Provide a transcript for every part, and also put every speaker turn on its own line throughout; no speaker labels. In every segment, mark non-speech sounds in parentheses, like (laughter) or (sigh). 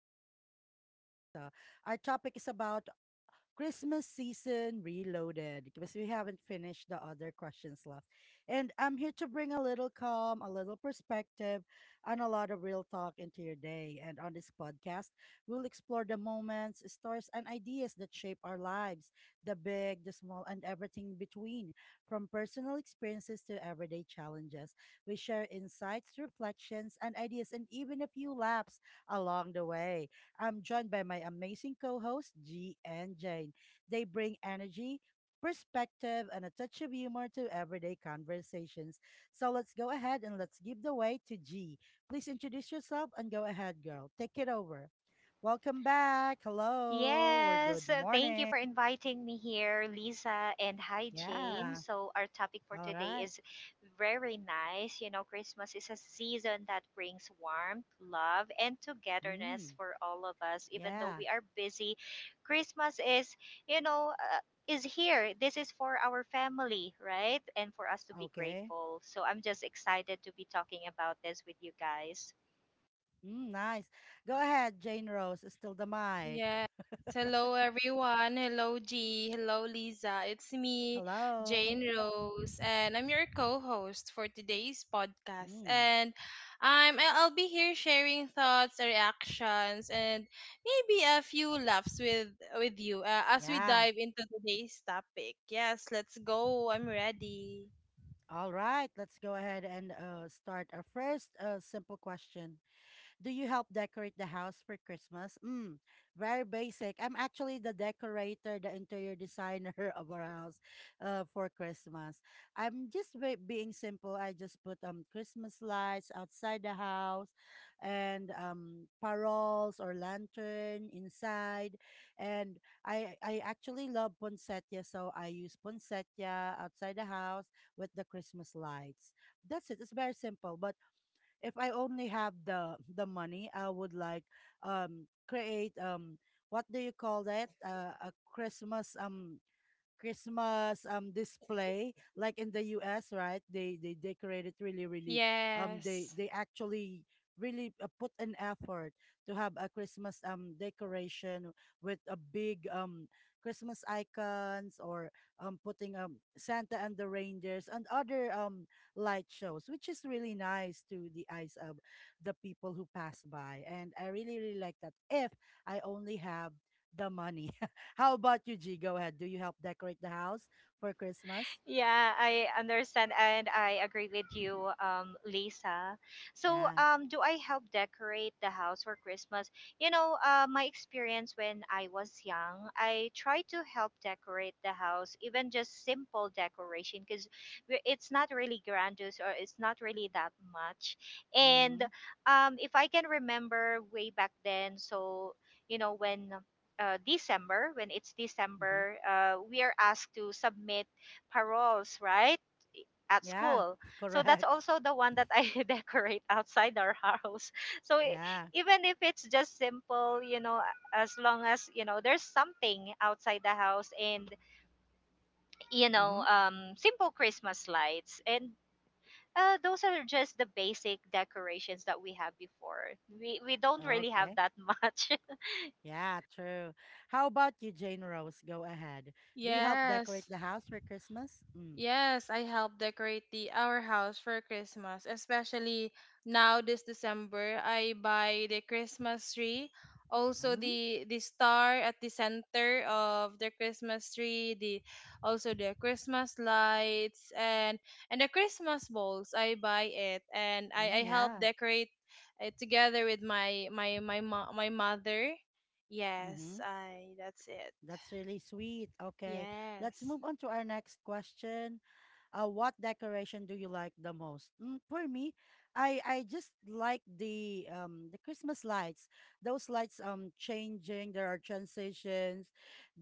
Reflections with Lisa. Our topic is about Christmas season reloaded because we haven't finished the other questions left. And I'm here to bring a little calm, a little perspective, and a lot of real talk into your day. And on this podcast, we'll explore the moments, stories, and ideas that shape our lives, the big, the small, and everything in between. From personal experiences to everyday challenges, we share insights, reflections, and ideas, and even a few laughs along the way. I'm joined by my amazing co hosts, G and Jane. They bring energy, perspective, and a touch of humor to everyday conversations. So let's go ahead and let's give the way to G. Please introduce yourself and go ahead, girl. Take it over. Welcome back. Hello or good
Yes, thank you
morning.
for inviting me here, Lisa, and hi, Jane.
Yeah.
So, our topic for
All
today
right.
is very nice. You know, Christmas is a season that brings warmth, love, and togetherness
Mm.
for all of us, even though
Yeah.
we are busy. Christmas is, you know, uh, is here. This is for our family, right? And for us to be
Okay.
grateful. So, I'm just excited to be talking about this with you guys.
Mm, nice. Go ahead, Jane Rose. Still the mic.
Yes. Hello, everyone. Hello, G. Hello, Lisa. It's me,
Hello.
Jane Rose, and I'm your co-host for today's podcast.
Mm.
And I'll be here sharing thoughts, reactions, and maybe a few laughs with you as we
Yeah.
dive into today's topic. Yes, let's go. I'm ready.
All right, let's go ahead and start our first simple question. Do you help decorate the house for Christmas? Mm, very basic. I'm actually the decorator, the interior designer (laughs) of our house for Christmas. I'm just being simple. I just put Christmas lights outside the house and paroles or lantern inside. And I actually love poinsettia, so I use poinsettia outside the house with the Christmas lights. That's it. It's very simple, but if I only have the money, I would like create what do you call that? A Christmas Christmas display like in the US, right? They decorate it really, really
Yes.
they actually really put an effort to have a Christmas decoration with a big Christmas icons or putting Santa and the reindeers and other light shows, which is really nice to the eyes of the people who pass by. And I really, really like that if I only have the money. How about you, G? Go ahead. Do you help decorate the house for Christmas?
Yeah, I understand and I agree with you,
(laughs)
Lisa. So,
Yeah.
do I help decorate the house for Christmas? You know, my experience when I was young, I try to help decorate the house, even just simple decoration, because it's not really grandiose or it's not really that much. And
Mm-hmm.
if I can remember way back then, so, you know, when December, when it's
Mm-hmm.
December, we are asked to submit paroles, right? At
Yeah.
school.
(laughs)
So that's
Correct.
also the one that I (laughs) decorate outside our house. So
Yeah.
even if it's just simple, you know, as long as, you know, there's something outside the house and, you know,
Mm-hmm.
simple Christmas lights. And those are just the basic decorations that we have before. We don't really have
Okay.
that much.
Yeah, true. How about you, Jane Rose? Go ahead. Do you help decorate
Yes.
the house for Christmas? Mm.
Yes, I helped decorate the our house for Christmas, especially now this December. I buy the Christmas tree, also
Mm-hmm.
the star at the center of the Christmas tree, the also the Christmas lights and the Christmas balls. I buy it and I
Mm,
help
yeah.
decorate it together with my mother. Yes,
Mm-hmm.
I that's it.
That's really sweet. Okay. Let's
Yes.
move on to our next question. Uh, what decoration do you like the most? Mm, for me, I just like the Christmas lights. Those lights changing. There are transitions,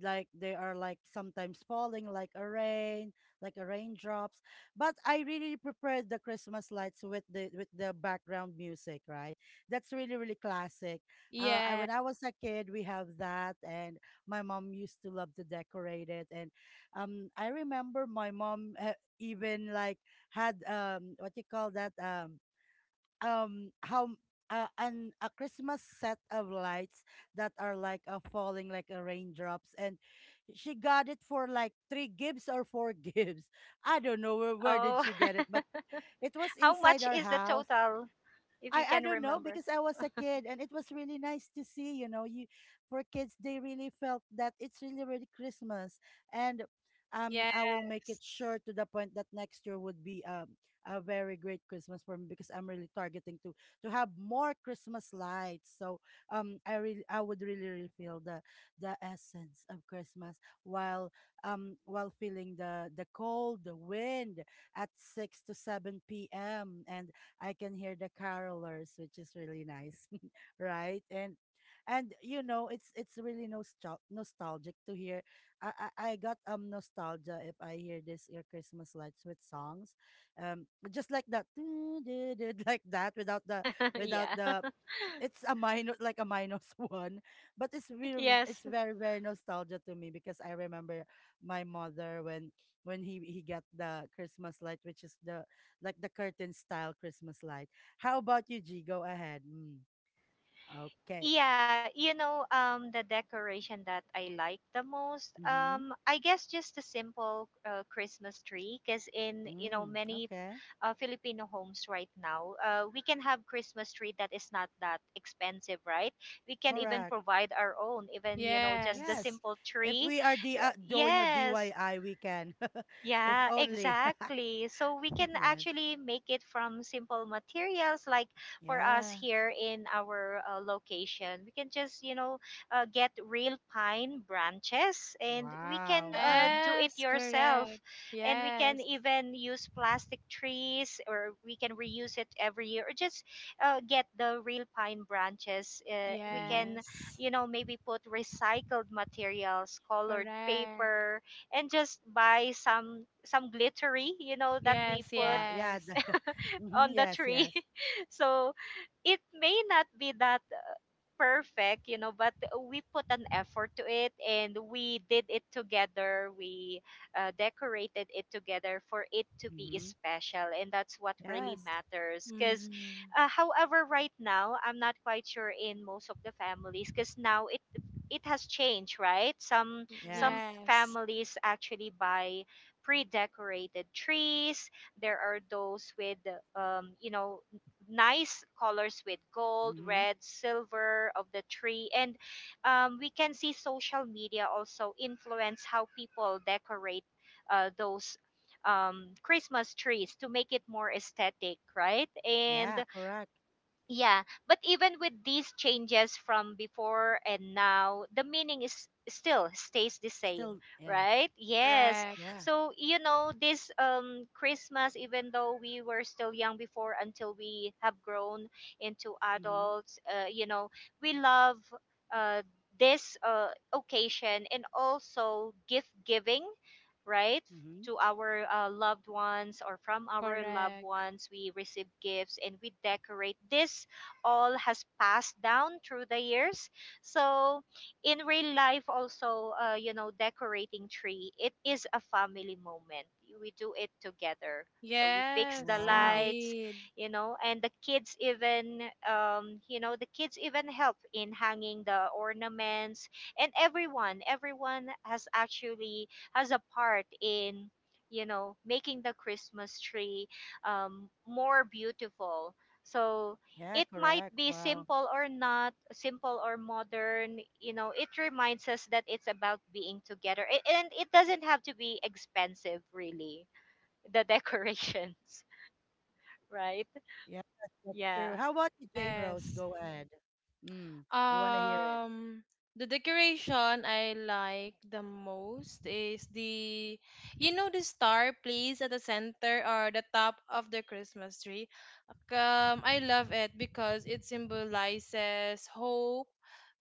like they are like sometimes falling like a rain, like a raindrops. But I really prefer the Christmas lights with the background music. Right, that's really, really classic. I
Yeah.
when I was a kid, we have that, and my mom used to love to decorate it. And I remember my mom. Even like had what you call that, how an a Christmas set of lights that are like falling like a raindrops. And she got it for like three gibbs or four (laughs) gibbs. I don't know
(laughs)
where did
oh,
she get it, but
(laughs)
it was
how
inside
much
our
is the
house.
total? If you
I
can
don't know
remember.
because I was a kid and it was really nice to see, you know. You for kids, they really felt that it's really, really Christmas. And
Yes.
I will make it sure to the point that next year would be a very great Christmas for me because I'm really targeting to have more Christmas lights. So I really I would really, really feel the essence of Christmas while while feeling the cold, the wind at 6 to 7 p.m. And I can hear the carolers, which is really nice, (laughs) right? And you know, it's really nostalgic to hear. I got nostalgia if I hear this your Christmas lights with songs, um, just like that, (laughs) like that without the
(laughs)
without
yeah.
the,
(laughs)
it's a minus, like a minus (laughs) one. But it's very, it's
Yes.
very, very nostalgia to me because I remember my mother when he got the Christmas light, which is the like the curtain style Christmas light. How about you, G? Go ahead. Mm. Okay.
Yeah, you know, the decoration that I like the most,
Mm-hmm.
I guess just the simple Christmas tree, because in, you know,
Mm.
many
Okay.
Filipino homes right now, we can have Christmas tree that is not that expensive, right? We can even
Correct.
provide our own, even, you know, just the
Yes.
Yes.
simple
If
tree.
we are
Y-
doing a
Yes.
DIY, we can. (laughs) If
Yeah,
only.
exactly. So we can
(laughs) Yes.
actually make it from simple materials like for us
Yeah.
here in our location. We can just, you know, get real pine branches and we can
Wow. Mm-hmm.
do it
Yes,
yourself.
correct.
And we can
Yes.
even use plastic trees or we can reuse it every year or just get the real pine branches. We
Mm-hmm.
can,
Yes.
you know, maybe put recycled materials, colored
Correct.
paper and just buy some glittery, you know, that we
Yes,
put
Wow. Yeah. The,
yes.
(laughs) mm-hmm.
on the
Yes.
tree.
Yes.
(laughs) so it may not be that perfect, you know, but we put an effort to it and we did it together. We decorated it together for it to be
Mm-hmm.
special. And that's what really
Yes.
matters.
Mm-hmm.
However, right now, I'm not quite sure in most of the families because now it has changed, right? Some
Yes.
Yes.
families actually buy pre-decorated trees. There are those with you know, nice colors with gold,
Mm-hmm.
red, silver of the tree. And we can see social media also influence how people decorate those Christmas trees to make it more aesthetic, right? And
Yeah. Correct.
yeah, but even with these changes from before and now, the meaning is still stays the same,
Still. Yeah.
right? Yes.
Correct.
Yeah.
So, you know, this Christmas, even though we were still young before until we have grown into
Mm-hmm.
adults, you know, we love uh this occasion and also gift giving, right?
Mm-hmm.
To our loved ones or from our loved
Correct.
ones, we receive gifts and we decorate. This all has passed down through the years. So, in real life, also, you know, decorating tree, it is a family moment. We do it together. So we fix the
Yes,
Wow.
lights,
indeed.
you know, and the kids even, you know, the kids even help in hanging the ornaments, and everyone has actually has a part in, you know, making the Christmas tree more beautiful. So
Yeah,
it might
correct.
be
Wow.
simple or not simple or modern. You know, it reminds us that it's about being together. And it doesn't have to be expensive, really, the decorations. (laughs) right?
Yeah, that's true.
Yeah.
How about you, Jane Rose?
Yes.
Go ahead. Mm, we want to hear it.
Um, the decoration I like the most is the star placed at the center or the top of the Christmas tree. I love it because it symbolizes hope,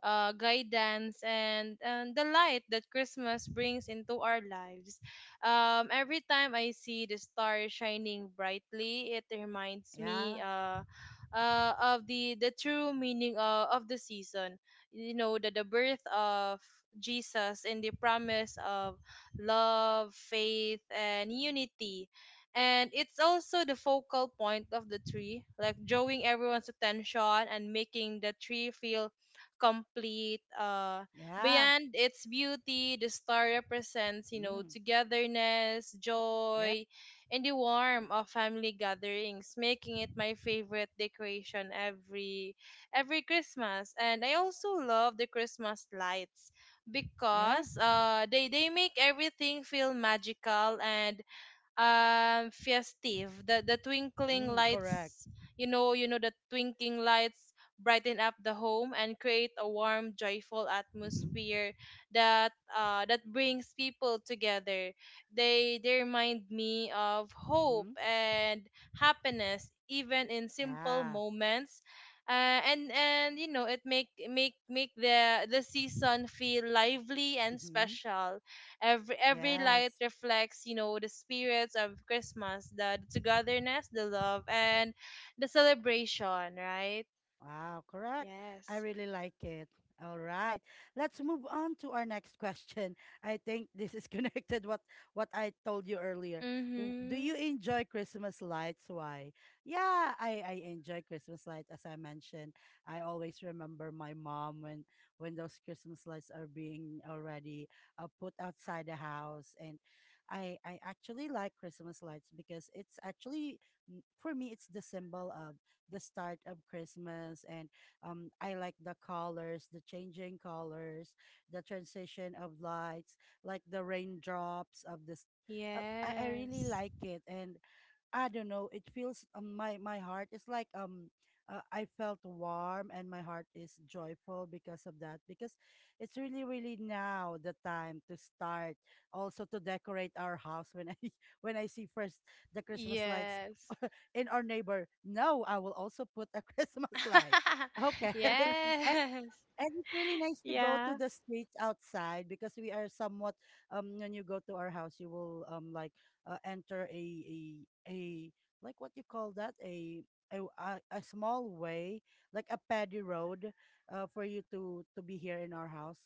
guidance, and the light that Christmas brings into our lives. Every time I see the star shining brightly, it reminds
Yeah,
me of the true meaning of the season, you know, that the birth of Jesus and the promise of love, faith, and unity. And it's also the focal point of the tree, like drawing everyone's attention and making the tree feel complete uh
yeah.
beyond its beauty, the star represents, you know,
Mm,
togetherness,
yeah,
joy, and the warmth of family gatherings, making it my favorite decoration every Christmas. And I also love the Christmas lights
yeah.
because they make everything feel magical and festive. The twinkling
Mm, correct.
lights, you know, the twinkling lights brighten up the home and create a warm, joyful
Mm-hmm.
atmosphere that brings people together. They remind me of hope
Mm-hmm.
and happiness even in simple
Yeah.
moments, and you know, it make make make the season feel lively and
Mm-hmm.
special. Every light
Yes.
reflects, you know, the spirits of Christmas, the togetherness, the love, and the celebration, right?
Wow, correct. I
Yes.
really like it. All right. Let's move on to our next question. I think this is (laughs) connected what I told you earlier. Do
Mhm.
you enjoy Christmas lights? Why? Yeah, I enjoy Christmas light as I mentioned. I always remember my mom when those Christmas lights are being already put outside the house. And I actually like Christmas lights because it's actually for me it's the symbol of the start of Christmas. And I like the colors, the changing colors, the transition of lights, like the raindrops of this. I really
Yes.
like it. And I don't know. It feels, my my heart is like I felt warm and my heart is joyful because of that, because it's really, really now the time to start also to decorate our house when I (laughs) when I see first the Christmas lights
Yes.
in our neighbor. No, I will also put a (laughs) Christmas light.
(laughs)
Okay. (laughs)
yes.
And it's really nice to go to
Yeah.
the streets outside because we are somewhat when you go to our house, you will like enter a a, like what you call that, a a, a small way, like a paddy road, for you to be here in our house,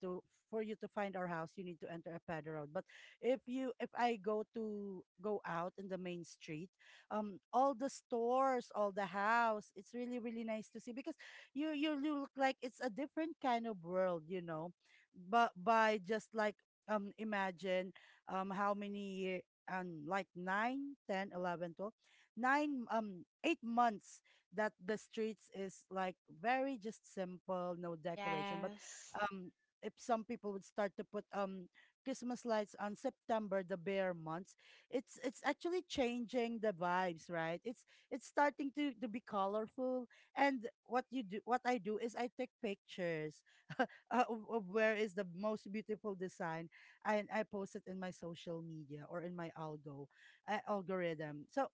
to for you to find our house you need to enter a paddy road. But if you if I go to go out in the main street, all the stores, all the house, it's really, really nice to see because you look like it's a different kind of world, you know. But by just like imagine how many year, um, like 9, 10, 11, 12, 9 8 months that the streets is like very just simple, no decoration. But
Yes.
um if some people would start to put Christmas lights on September, the bare months, it's actually changing the vibes, right? It's starting to be colorful. And what you do, what I do is I take pictures (laughs) uh, of where is the most beautiful design, and I post it in my social media or in my algorithm. So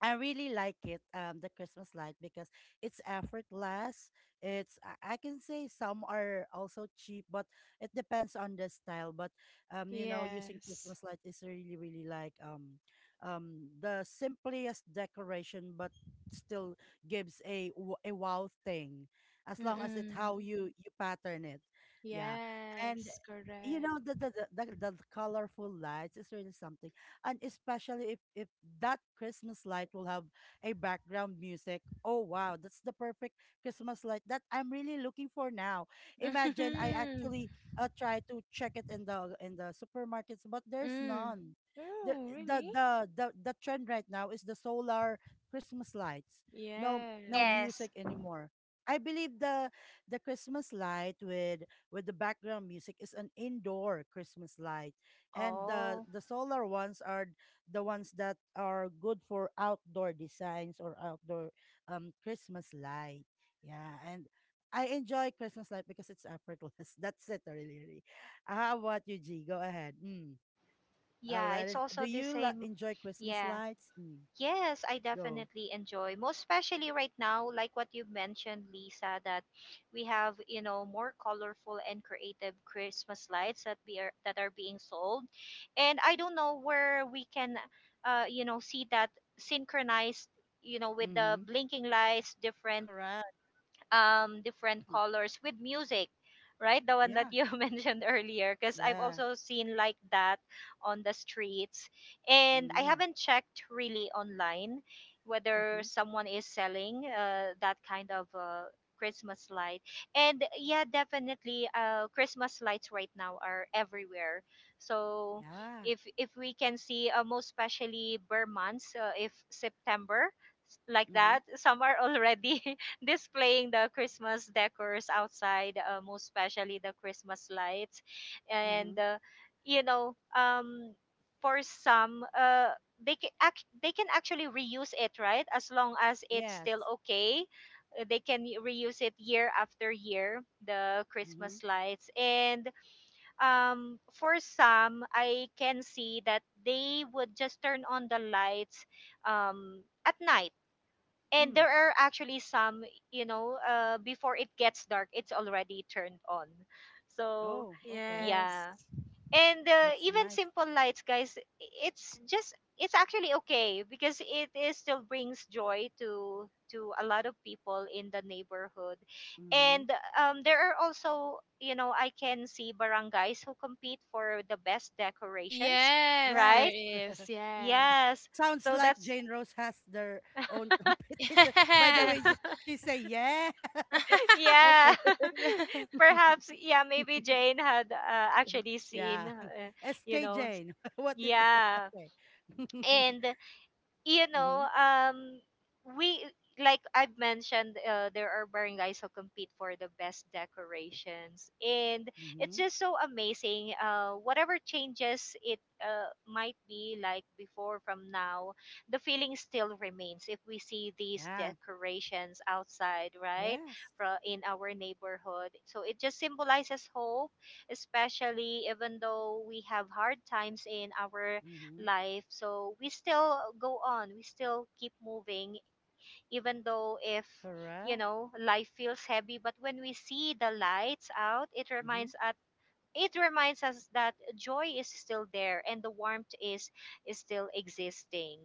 I really like it, the Christmas light because it's effortless. It's I can say some are also cheap, but it depends on the style. But you know, using
Yes.
Christmas light is really, really like, the simplest decoration, but still gives a a wow thing, as long as it
Mm-mm.
how you you pattern it, yeah. And
Yes,
you
correct.
know the the colorful lights is really something. And especially if that Christmas light will have a background music. Oh wow, that's the perfect Christmas light that I'm really looking for now. Imagine I
Mm-hmm.
actually try to check it in the supermarkets, but there's
Mm.
none. The,
Oh,
the
really?
the the trend right now is the solar Christmas lights. No no
Yes.
Yes.
music anymore. I believe the Christmas light with the background music is an indoor Christmas light, and
Oh
the solar ones are the ones that are good for outdoor designs or outdoor Christmas light. Yeah, and I enjoy Christmas light because it's effortless. (laughs) That's it, really. Really. How about you, G? Go ahead. Mm.
yeah.
Let
It's
us, do
also the
you
same.
enjoy Christmas
Yeah.
lights? Mm.
Yes, I
Go.
definitely enjoy. Most especially right now, like what you mentioned, Lisa, that we have, you know, more colorful and creative Christmas lights that are being sold. And I don't know where we can you know, see that synchronized, you know, with the
Mm-hmm.
blinking lights, different
Correct.
different
Mhm.
colors with music, right? The one that
Yeah.
you (laughs) mentioned earlier, because I've
Yeah.
also seen like that on the streets. And I
Mm-hmm.
haven't checked really online whether
Mm-hmm.
someone is selling that kind of Christmas light. And yeah, definitely, Christmas lights right now are everywhere. So
Yeah.
if we can see, most especially bare months, if September like
Mm-hmm.
that, (laughs) some are already displaying the Christmas decors outside, most especially the Christmas lights. And,
Mm-hmm.
you know, for some, they can, they can actually reuse it, right? As long as it's
Yes.
still okay. They can reuse it year after year, the
Mm-hmm.
Christmas lights. And for some, I can see that they would just turn on the lights at night, and
Mm.
there are actually some, you know, before it gets dark, it's already turned on. So
Oh, okay.
Yes.
yeah. And
That's
even
nice.
simple lights, guys, it's just it's actually okay, because it is still brings joy to a lot of people in the neighborhood.
Mm-hmm.
And there are also, you know, I can see barangays who compete for the best decorations,
Yes, there
Yes.
right?
(laughs)
is. Yes.
Yes.
Sounds
So
like
that's
Jane Rose has their own
(laughs)
competition. (laughs) By the way,
Yes.
she say yes. (laughs)
(laughs)
Yeah,
Okay.
(laughs)
(laughs)
perhaps. Yeah, maybe Jane had actually seen,
Yeah. (laughs)
you
SK
know,
Jane. (laughs) What is it?
yeah.
Okay. (laughs)
And you
Mm-hmm.
know, we like I've mentioned, there are barangays who compete for the best decorations, and it's
Mm-hmm.
just so amazing. Whatever changes it might be like before from now, the feeling still remains if we see these
Yeah.
decorations outside, right,
Yes.
from in our neighborhood. So it just symbolizes hope, especially even though we have hard times in our
Mm-hmm.
life. So we still go on, we still keep moving, even though if, you
Correct.
know, life feels heavy. But when we see the lights out, it
Mm-hmm.
reminds us. It reminds us that joy is still there and the warmth is still existing.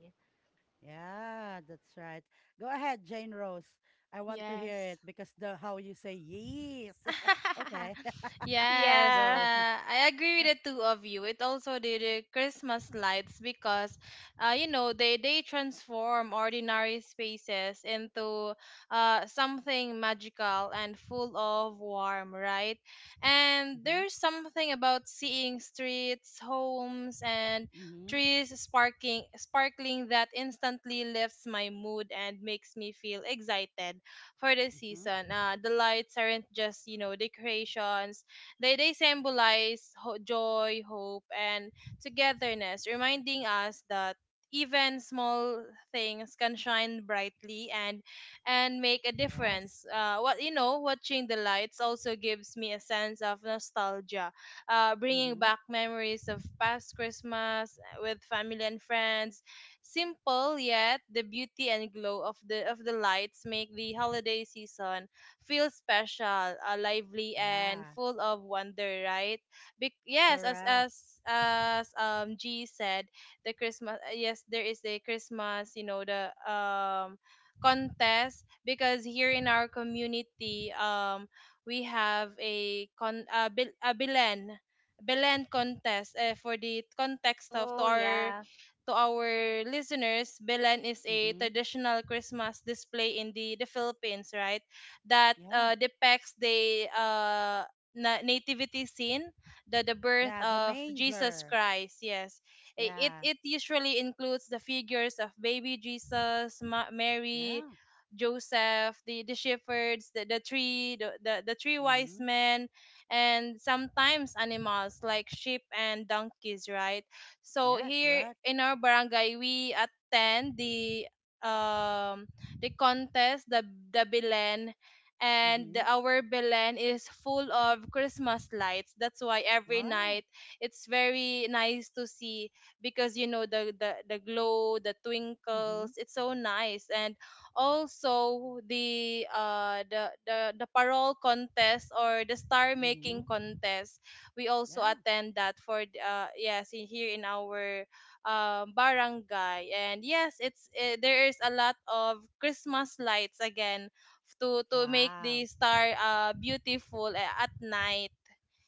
Yeah, that's right. Go ahead, Jane Rose. I want to hear
Yes.
it because the how you say yes. (laughs) Okay.
(laughs)
(laughs)
(laughs)
Yes,
Yeah.
Go.
I agree with the two of you. It also did the Christmas lights because, you know, they transform ordinary spaces into something magical and full of warmth, right? And
Mhm.
there's something about seeing streets, homes, and
Mhm.
trees sparking sparkling that instantly lifts my mood and makes me feel excited for the
Mhm.
season. The lights aren't just, decorations; they symbolize joy, hope, and togetherness, reminding us that even small things can shine brightly and make a
Yes.
difference. What you know, watching the lights also gives me a sense of nostalgia, bringing
Mhm.
back memories of past Christmas with family and friends. Simple, yet the beauty and glow of the lights make the holiday season feel special, lively, and
Yeah.
full of wonder, right? Yes, as
Correct.
as as um G said, the Christmas yes, there is a Christmas, you know, the contest, because here in our community we have a a Belen contest. For the context of
Oh yeah.
to our listeners, Belen is a
Mhm.
traditional Christmas display in the Philippines, right? That
Yeah.
depicts the nativity scene, the birth
Yeah. The
of Jesus
manger.
Christ. Yes, it
Yeah.
it usually includes the figures of baby Jesus, Mary,
Yeah.
Joseph, the shepherds, the three wise
Mhm.
men, and sometimes animals like sheep and donkeys, right? So
Yeah.
here
Correct.
in our barangay, we attend um the contest, the Belen, and
Mhm.
our Belen is full of Christmas lights. That's why every
Wow.
night it's very nice to see, because you know the glow, the twinkles.
Mhm.
It's so nice. And also the parole contest, or the star making
Mhm.
contest, we also
Yeah.
attend that for yes, here in our barangay. And yes, it's there is a lot of Christmas lights again to make the
Wow.
star beautiful at night.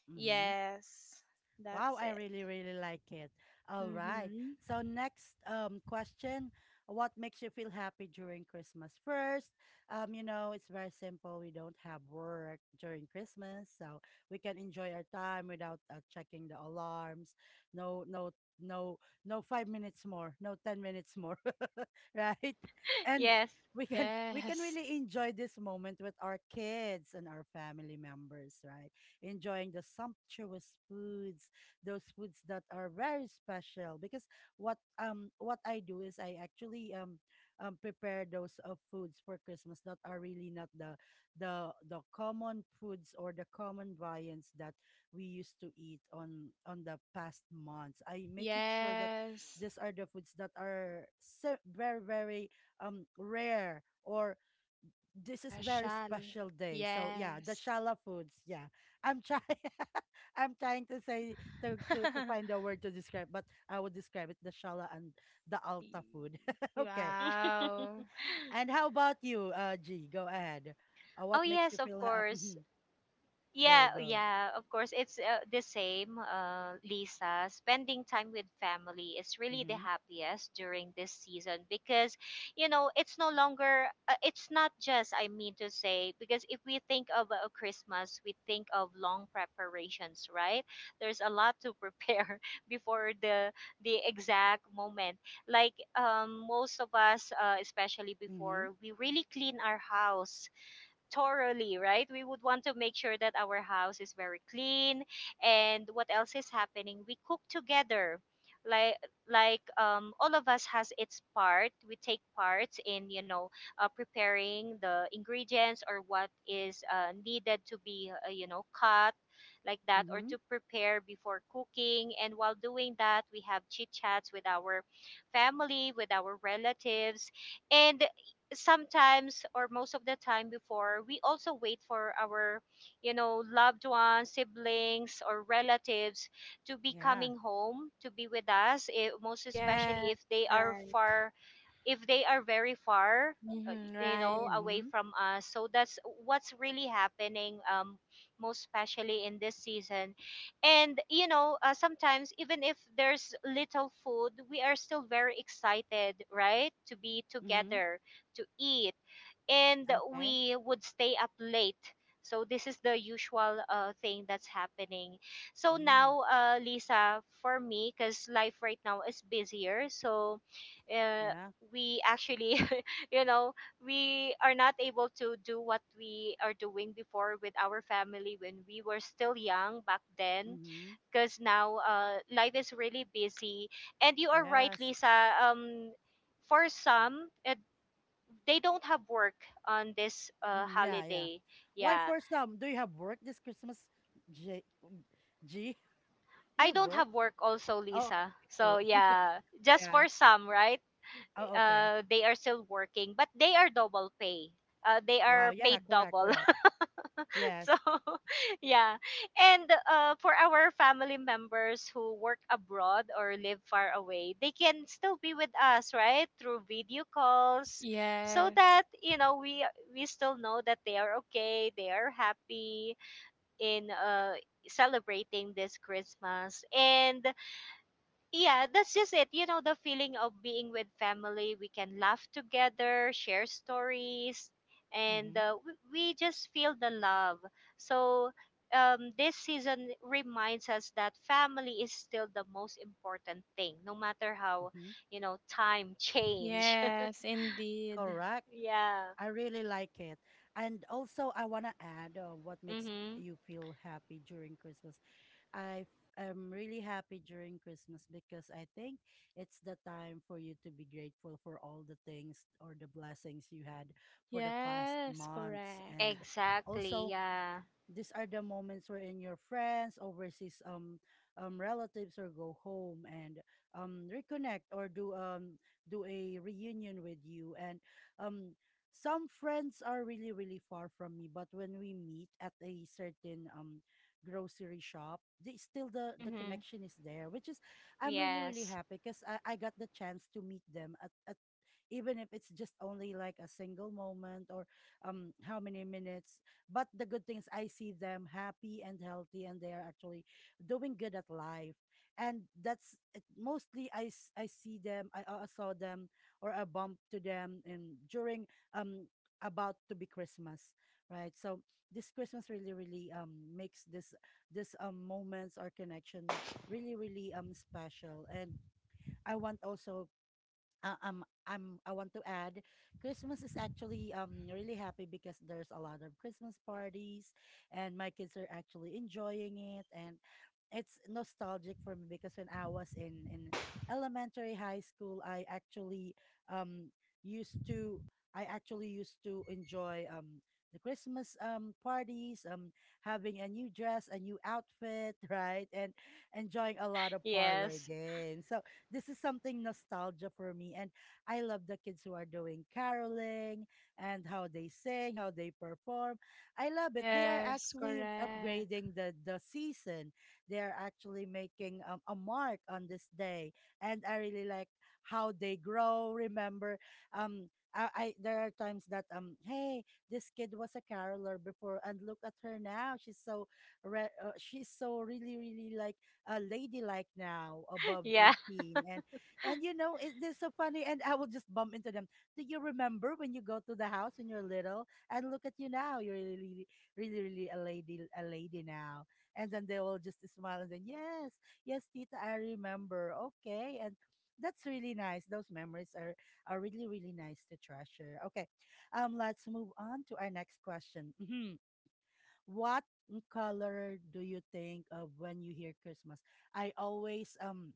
Mhm.
Yes,
Wow,
that's
I
it.
really, really like it. All right.
Mhm.
So next question, what makes you feel happy during Christmas? First, you know, it's very simple. We don't have work during Christmas, so we can enjoy our time without checking the alarms. No, no, no, no 5 minutes more, no 10 minutes more, (laughs) right? And
Yes.
we can
Yes.
really enjoy this moment with our kids and our family members, right? Enjoying the sumptuous foods, those foods that are very special because what I do is I actually prepare those foods for Christmas that are really not the common foods or the common viands that we used to eat on the past months. I
(laughs)
make it sure that
Yes.
these are the foods that are very very rare, or this is very
Special.
special day. So yeah, the
Yes.
Shala foods. Yeah, I'm trying. (laughs) I'm trying to say, to find
(laughs)
a word to describe, but I would describe it the Shala and the Alta food. (laughs) Okay.
Mm. (laughs)
Wow.
And how about you, G? Go ahead. Uh,
Oh
what makes
yes,
you
of
feel happy?
course.
Hmm.
Yeah,
Go
oh,
go.
yeah, of course. It's the same, Lisa. Spending time with family is really the
Mhm.
happiest during this season, because, you know, it's no longer, it's not just, I mean to say, because if we think of Christmas, we think of long preparations, right? There's a lot to prepare (laughs) before the exact moment. Like most of us, especially
Mhm.
before, we really clean our house thoroughly, right? We would want to make sure that our house is very clean, and what else is happening. We cook together. Like like all of us has its part. We take parts in, you know, preparing the ingredients or what is needed to be, you know, cut like that, or
Mhm.
to prepare before cooking. And while doing that, we have chit chats with our family, with our relatives. And sometimes, or most of the time before, we also wait for our, you know, loved ones, siblings, or relatives to be
Yeah.
coming home to be with us, eh, most
Yes.
especially if they are
Right.
far, if they are very far,
Hmm,
you know,
right.
away
Mhm.
from us. So that's what's really happening, most especially in this season. And you know, sometimes even if there's little food, we are still very excited, right, to be
Mhm.
together to eat. And
Okay.
we would stay up late. So this is the usual thing that's happening. So
Mm.
now, Lisa, for me, because life right now is busier, so uh,
Yeah.
we actually, (laughs) you know, we are not able to do what we are doing before with our family when we were still young back then.
Mhm.
Because now, life is really busy, and you are right,
Yes.
Lisa. For some, they don't have work on this
Mm, yeah, yeah.
holiday.
Why
Yeah.
for some? Do you have work this Christmas? J mm, G? (laughs) Do you
I
have
don't
work?
have work also,
Oh,
Lisa.
okay,
So,
cool.
yeah, just
Yeah.
for some, right?
Oh, okay.
They are still working, but they are double pay. They
Wow.
are
Yeah,
paid
correct,
double.
correct.
(laughs)
Yes.
so, (laughs) yeah. And for our family members who work abroad or live far away, they can still be with us, right? Through video calls, so
Yes.
that, you know, we still know that they are okay, they are happy in celebrating this Christmas. And yeah, that's just it. You know, the feeling of being with family, we can laugh together, share stories, and
Mm-hmm.
uh, we just feel the love. So this season reminds us that family is still the most important thing, no matter how,
Mm-hmm.
you know, time change.
Yes, indeed.
Correct.
(laughs) yeah.
I really like it. And also, I want to add, what makes
Mm-hmm.
you feel happy during Christmas. I am really happy during Christmas because I think it's the time for you to be grateful for all the things or the blessings you had for the past
Yes,
months.
correct.
And
Exactly.
also,
Yeah.
these are the moments wherein your friends, overseas, relatives, or go home and reconnect or do a reunion with you. And um, some friends are really really far from me, but when we meet at a certain grocery shop, still the
Mm-hmm.
connection is there, which is I'm really really
Yes.
happy because I got the chance to meet them at, even if it's just only like a single moment or how many minutes, but the good thing is I see them happy and healthy, and they are actually doing good at life. And mostly I see them, I saw them, or I bumped to them during um about to be Christmas, right? So this Christmas really, really makes this moments or connection really, really special. And I want also, am I want to add, Christmas is actually really happy because there's a lot of Christmas parties, and my kids are actually enjoying it, and it's nostalgic for me because when I was in elementary high school, I actually um used to used to enjoy the Christmas parties, having a new dress, a new outfit, (laughs) right, and enjoying a lot of parlor
Yes.
games, so this is something nostalgia for me. And I love the kids who are doing caroling, and how they sing, how they perform. I love it. They are
Yes,
actually
correct.
upgrading the season. They are actually making, a mark on this day. And I really like how they grow. Remember, um, I there are times that hey, this kid was a caroler before, and look at her now, she's so she's so really really like a ladylike now,
(laughs)
above
Yeah.
18. And and you know, it is so funny, and I will just bump into them. Do you remember when you go to the house when you're little? And look at you now, you're really really really, really a lady, a lady now. And then they will just smile, and then yes, yes, tita, I remember. Okay. And that's really nice. Those memories are really really nice to treasure. Okay. Let's move on to our next question. Mhm. What color do you think of when you hear Christmas? I always,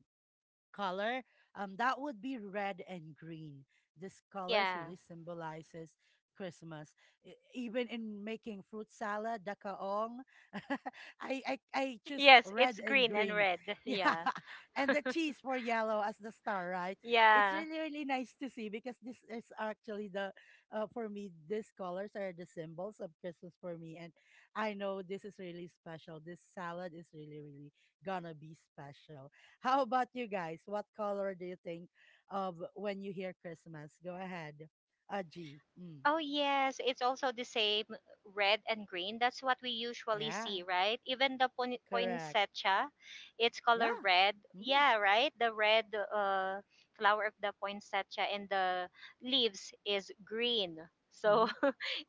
color, that would be red and green. These colors
Yeah.
really symbolizes Christmas. Even in making fruit salad, dakaong, (laughs) I choose
Yes,
red
it's
and
green and
green. (laughs)
red. (laughs)
Yeah,
Yeah.
and the cheese for yellow as the star, right? It's
Yeah.
really really nice to see because this is actually the for me, these colors are the symbols of Christmas for me, and I know this is really special. This salad is really really gonna be special. How about you guys? What color do you think of when you hear Christmas? Go ahead. A G. Mm.
Oh, yes. It's also the same, red and green. That's what we usually
Yeah,
see, right? Even the
correct.
poinsettia, it's color
Yeah.
red.
Mm.
Yeah, right? The red uh, flower of the poinsettia and the leaves is green. So
Mm-hmm.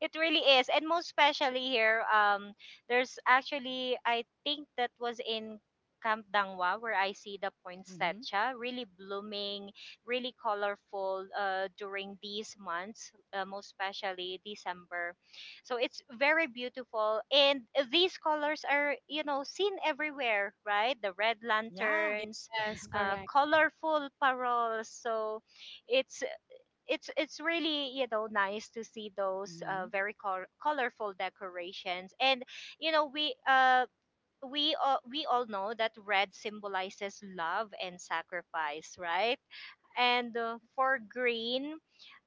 it really is. And most especially here, there's actually I think that was in Camp Dangwa where I see the
Mm-hmm.
poinsettia really blooming, really colorful during these months, most especially December. So it's very beautiful, and these colors are seen everywhere, right? The red
Yeah.
lanterns,
Yes,
Mm-hmm.
correct.
colorful paroles. So it's it's really nice to see those
Mm-hmm.
uh, very colorful decorations, and you know we uh we all know that red symbolizes love and sacrifice, right? And for green,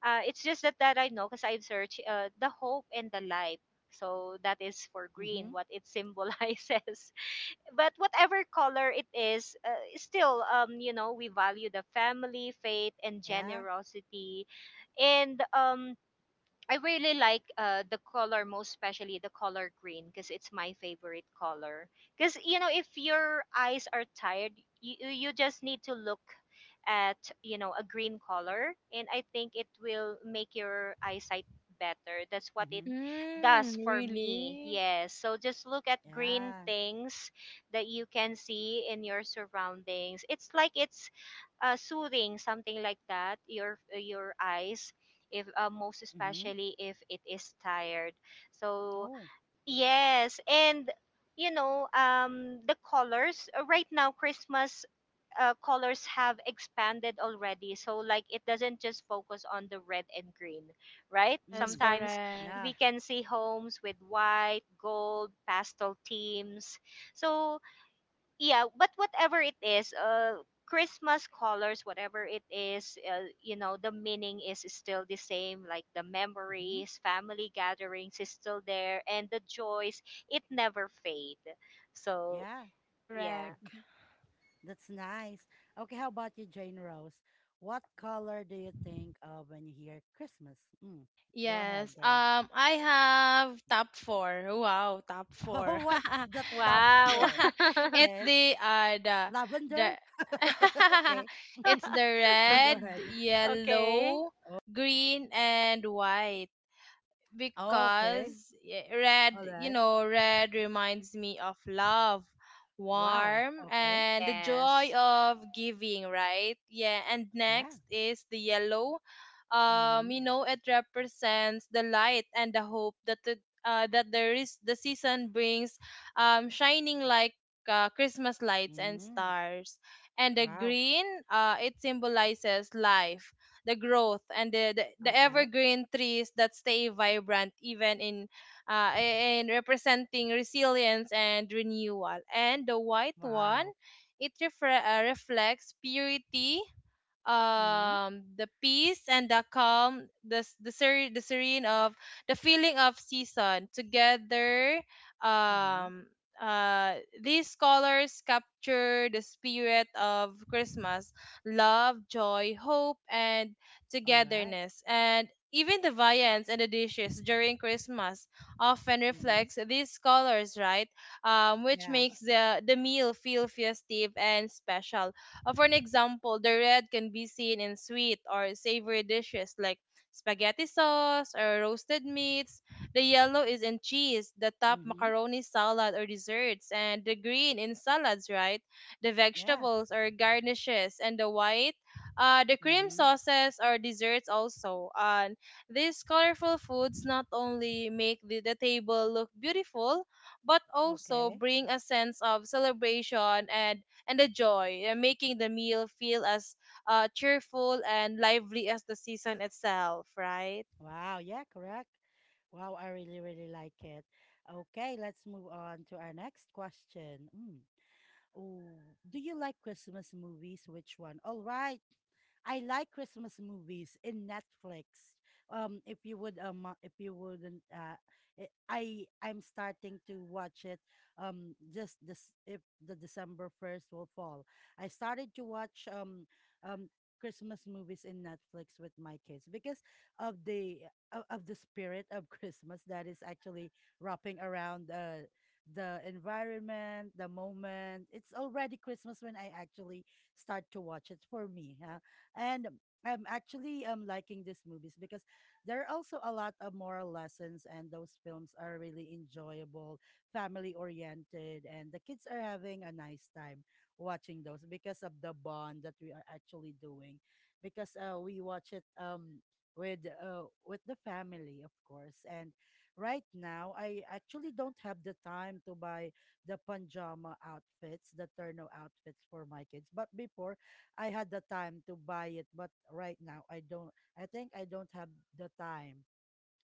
it's just that I know because I've searched, the hope and the light. So that is for green
Mm-hmm.
what it symbolizes. (laughs) But whatever color it is, still we value the family, faith, and
Yeah.
generosity. And I really like the color, most especially the color green, because it's my favorite color. Because you know, if your eyes are tired, you just need to look at, you know, a green color, and I think it will make your eyesight better. That's what it
Mm-hmm.
does
Mm,
for me,
really?
yes. So just look at green
Yeah.
things that you can see in your surroundings. It's like it's soothing, something like that, your eyes, if most
Mm-hmm.
especially if it is tired. So
Oh.
yes, and you know, the colors, right now Christmas colors have expanded already, so like it doesn't just focus on the red and green, right?
Yes,
Mm.
Sometimes
correct.
Yeah.
we can see homes with white, gold, pastel themes. So yeah, but whatever it is, Christmas colors, whatever it is, you know, the meaning is still the same. Like the
Mm-hmm.
memories, family gatherings is still there, and the joys, it never fade. So,
Yeah.
yeah.
Correct.
(laughs) That's nice. Okay, how about you, Jane Rose? What color do you think of when you hear Christmas? Mm. Go ahead,
Yes.
girl.
I have top four. Wow, top
(laughs)
four.
Oh, what's
(laughs)
the top
Wow.
four?
(laughs)
(laughs)
it's
Okay.
the
Lavender?
(laughs)
(laughs) Okay. (laughs)
it's the
Go
red,
ahead.
Okay.
yellow, green, and white.
Oh, okay.
Because red,
All
you
right.
know, red reminds me of love,
Wow.
warm,
Okay.
and the joy
Yes.
of giving, right? Yeah, and
Yeah.
next is the yellow.
Mm-hmm.
You know, it represents the light and the hope that there is the season brings, shining like Christmas lights and
Mm-hmm.
stars. And the
Wow.
green, it symbolizes life, the growth, and the
Okay.
evergreen trees that stay vibrant even in, in representing resilience and renewal. And the white one,
Wow.
it reflects purity,
Mm-hmm.
the peace and the calm, the serene of the feeling of season together.
Mm-hmm.
um uh these colors capture the spirit of Christmas: love, joy, hope, and
All right.
togetherness. And even the viands and the dishes during Christmas often
Mm-hmm.
reflects these colors, right? Which
Yeah.
makes the meal feel festive and special. For an example, the red can be seen in sweet or savory dishes like spaghetti sauce or roasted meats. The yellow is in cheese, the top
Mm-hmm.
macaroni salad, or desserts, and the green in salads, right? The
Yeah.
vegetables or garnishes, and the white, the cream
Mm-hmm.
sauces or desserts also. And these colorful foods not only make the table look beautiful, but also
Okay.
bring a sense of celebration and the joy, making the meal feel as cheerful and lively as the season itself, right?
Wow. Yeah, correct. Wow, I really, really like it. Okay, let's move on to our next question. Mm. Oh, do you like Christmas movies? Which one? All right. I like Christmas movies in Netflix. If you would, if you wouldn't, I'm starting to watch it. Just this, if the December 1st will fall, I started to watch, um, Christmas movies in Netflix with my kids because of the, of the spirit of (laughs) Christmas, that is actually wrapping around the environment, the moment. It's already Christmas when I actually start to watch it for me. Huh? And I'm actually liking these movies because there are also a lot of moral lessons, and those films are really enjoyable, family oriented, and the kids are having a nice time watching those because of the bond that we are actually doing. Because we watch it with the family of course. And right now I actually don't have the time to buy the pajama outfits, the turno outfits for my kids. But before, I had the time to buy it, but right now I think I don't have the time,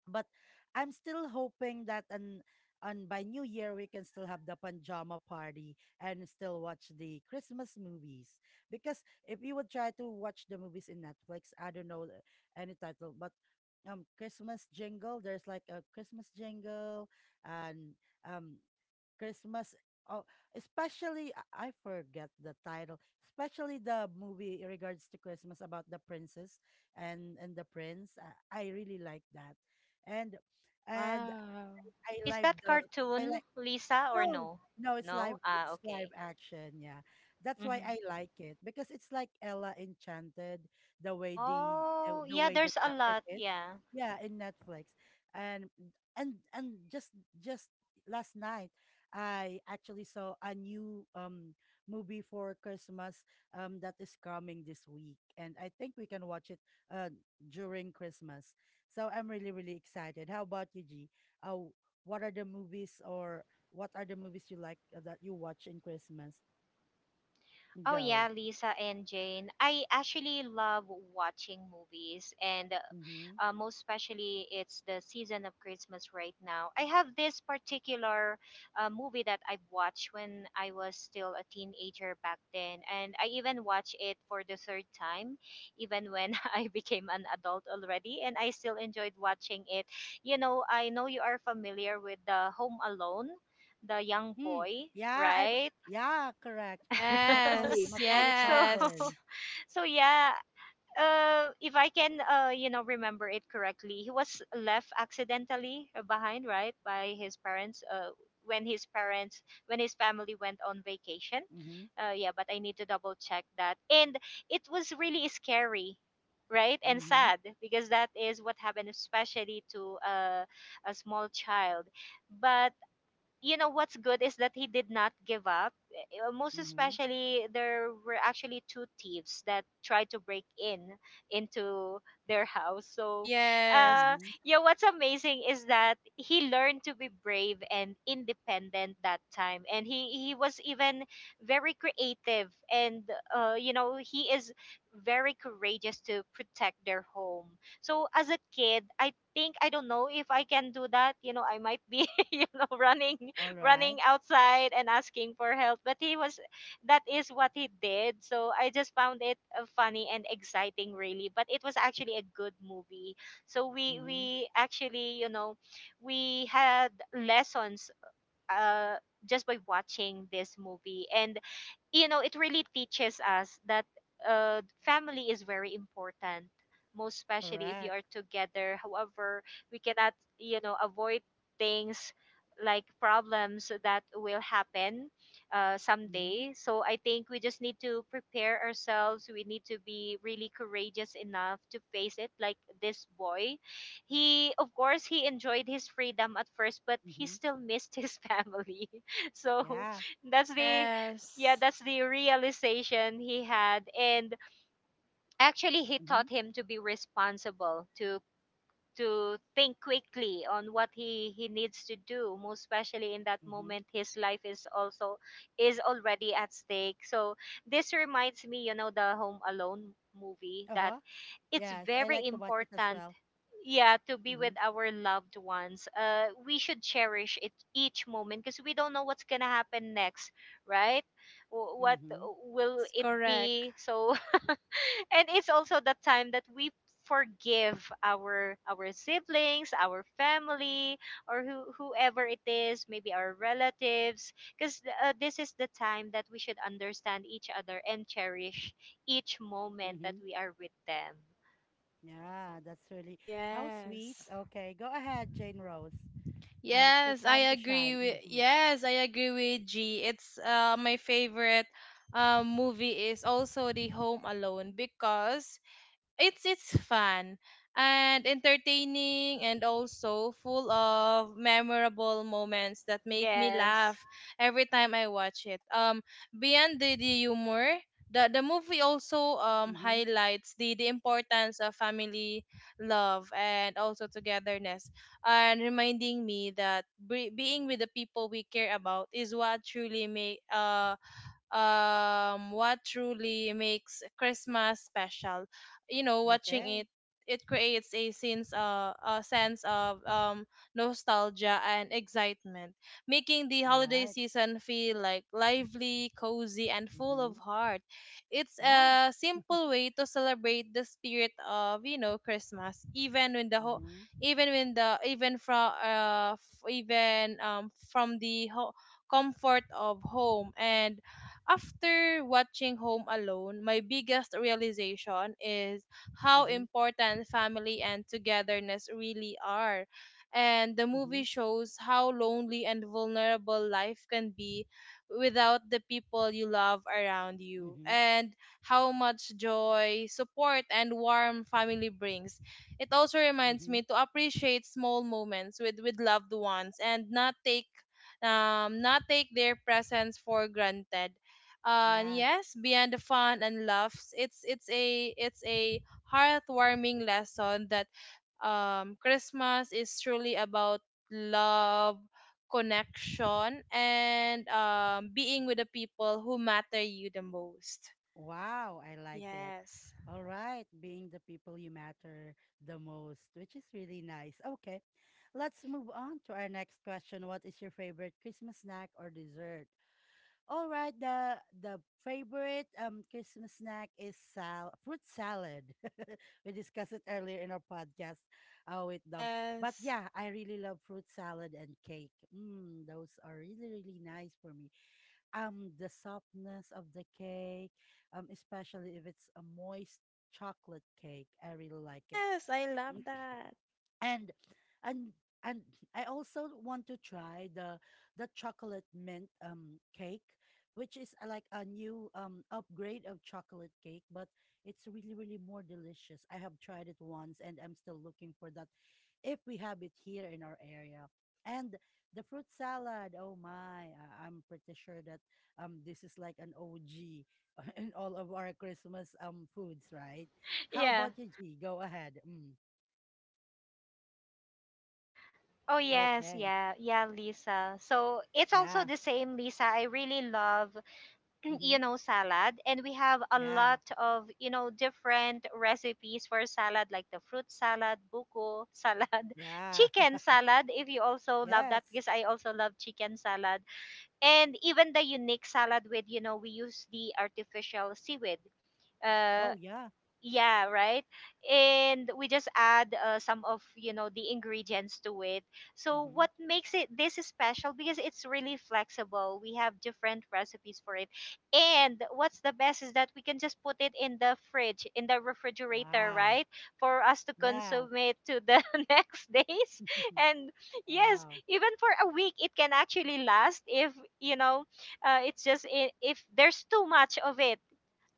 but I'm still hoping that, and by New Year we can still have the pajama party and still watch the Christmas movies. Because if you would try to watch the movies in Netflix, I don't know any title, but Christmas jingle, there's like a Christmas jingle, and um Christmas. Oh, especially I forget the title. Especially the movie in regards to Christmas about the princess and the prince. I really like that, and and
Wow.
I
Is
like
that
the I
cartoon,
like.
Lisa, or
No,
no?
no, it's live.
No? Ah,
It's live
okay.
action. Yeah, that's why
Mm-hmm.
I like it because it's like Ella Enchanted, the way
Oh, yeah,
the
there's a
graphic
lot.
is.
Yeah.
Yeah, in Netflix, and and just last night, I actually saw a new movie for Christmas that is coming this week, and I think we can watch it uh during Christmas. So I'm really really excited. How about you, G? Uh, what are the movies, or what are the movies you like that you watch in Christmas?
Oh
Go.
yeah, Lisa and Jane. I actually love watching movies, and
Mm-hmm.
most especially it's the season of Christmas right now. I have this particular movie that I've watched when I was still a teenager back then, and I even watched it for the third time, even when (laughs) I became an adult already, and I still enjoyed watching it. You know, I know you are familiar with the Home Alone, the young
Mm.
boy,
Yeah, I.
right?
Yeah, correct.
(laughs)
Yes,
Macaulay
so
yes,
(laughs)
Culkin.
So yeah, if I can, you know, remember it correctly, he was left accidentally behind, right, by his parents. When his parents, when his family went on vacation,
Mm-hmm.
yeah. But I need to double check that, and it was really scary. Right and
Mm-hmm.
sad because that is what happened, especially to, a small child. But you know what's good is that he did not give up. Most
Mm-hmm.
especially, there were actually two thieves that tried to break in into their house. So,
yes,
uh,
Mm-hmm.
yeah, what's amazing is that he learned to be brave and independent that time, and he was even very creative, and you know, he is very courageous to protect their home. So, as a kid, I think I don't know if I can do that. You know, I might be (laughs) you know
All
running
right.
outside and asking for help, but he was, that is what he did. So I just found it funny and exciting really, but it was actually a good movie. So we
Mm-hmm.
we actually, you know, we had lessons uh just by watching this movie. And you know, it really teaches us that family is very important, most especially if you
Correct.
are together. However, we cannot, you know, avoid things like problems that will happen
Mm-hmm.
someday. So I think we just need to prepare ourselves. We need to be really courageous enough to face it, like this boy. He, of course, he enjoyed his freedom at first, but he
Mm-hmm.
still missed his (laughs) family. So
Yeah.
that's the, yeah,
yes.
that's the realization he had. And actually, he
Mm-hmm.
taught him to be responsible, to think quickly on what he needs to do, most especially in that
Mm-hmm.
moment. His life is also is already at stake. So this reminds me, you know, the Home Alone movie, that
Uh-huh.
it's
Yes, I
very
like to watch it as
important,
well.
yeah, to be with
Mm-hmm.
our loved ones. Uh, we should cherish it each moment because we don't know what's gonna happen next, right? W- what
Mm-hmm.
will it
Correct.
be? So (laughs) and it's also the time that we forgive our siblings, our family, or who, whoever it is, maybe our relatives. Because this is the time that we should understand each other and cherish each moment that
Mm-hmm.
we are with them.
Yeah, that's really how sweet.
Yes.
Okay, go ahead, Jane Rose. It's your time to shine. Mm-hmm.
Yes, I agree with G. It's my favorite movie is also The Home Alone, because it's fun and entertaining and also full of memorable moments that make me
Yes.
laugh every time I watch it. Beyond the humor, the movie also
Mm-hmm.
highlights the importance of family, love, and also togetherness, and reminding me that being with the people we care about is what truly makes Christmas special. You know, watching
Okay.
it, it creates a sense of nostalgia and excitement, making the
All
holiday
right.
season feel like lively, cozy, and full
Mm-hmm.
of heart. It's
Yeah.
a simple
(laughs)
way to celebrate the spirit of, you know, Christmas even when the ho-
Mm-hmm.
even when the even from f- even from the ho- comfort of home. And after watching Home Alone, my biggest realization is how
Mm-hmm.
important family and togetherness really are. And the
Mm-hmm.
movie shows how lonely and vulnerable life can be without the people you love around you,
Mm-hmm.
and how much joy, support, and warm family brings. It also reminds
Mm-hmm.
me to appreciate small moments with loved ones and not take their presence for granted.
Yeah.
Yes, beyond the fun and laughs, it's a heartwarming lesson that Christmas is truly about love, connection, and being with the people who matter you the most.
Wow, I like it.
Yes.
All right, being the people you matter the most, which is really nice. Okay, let's move on to our next question. What is your favorite Christmas snack or dessert? All right, the favorite Christmas snack is sal fruit salad. (laughs) We discussed it earlier in our podcast, with them. But
Yes.
yeah, I really love fruit salad and cake. Mm, those are really really nice for me. The softness of the cake, especially if it's a moist chocolate cake, I really like it,
Yes, I love that.
and and and I also want to try the chocolate mint cake, which is like a new upgrade of chocolate cake, but it's really really more delicious. I have tried it once, and I'm still looking for that if we have it here in our area. And the fruit salad, oh my, I'm pretty sure that this is like an OG (laughs) in all of our Christmas foods, right? How
Yeah.
about you, G? Go ahead. Mm,
Oh yes,
okay.
yeah, yeah, Lisa. So it's also
Yeah.
the same, Lisa. I really love, (clears throat)
Mm-hmm.
you know, salad, and we have a
Yeah.
lot of, you know, different recipes for salad, like the fruit salad, buko salad, (laughs)
Yeah.
chicken
(laughs)
salad. If you also love
Yes.
that, because I also love chicken salad, and even the unique salad with, you know, we use the artificial seaweed. Uh,
Oh, yeah.
yeah, right. And we just add some of, you know, the ingredients to it. So
Mm-hmm.
what makes it this is special, because it's really flexible, we have different recipes for it. And what's the best is that we can just put it in the fridge, in the refrigerator,
Wow.
right, for us to
Yeah.
consume it to the (laughs) next days.
(laughs)
And yes,
Wow.
even for a week it can actually last, if you know, it's just I- if there's too much of it,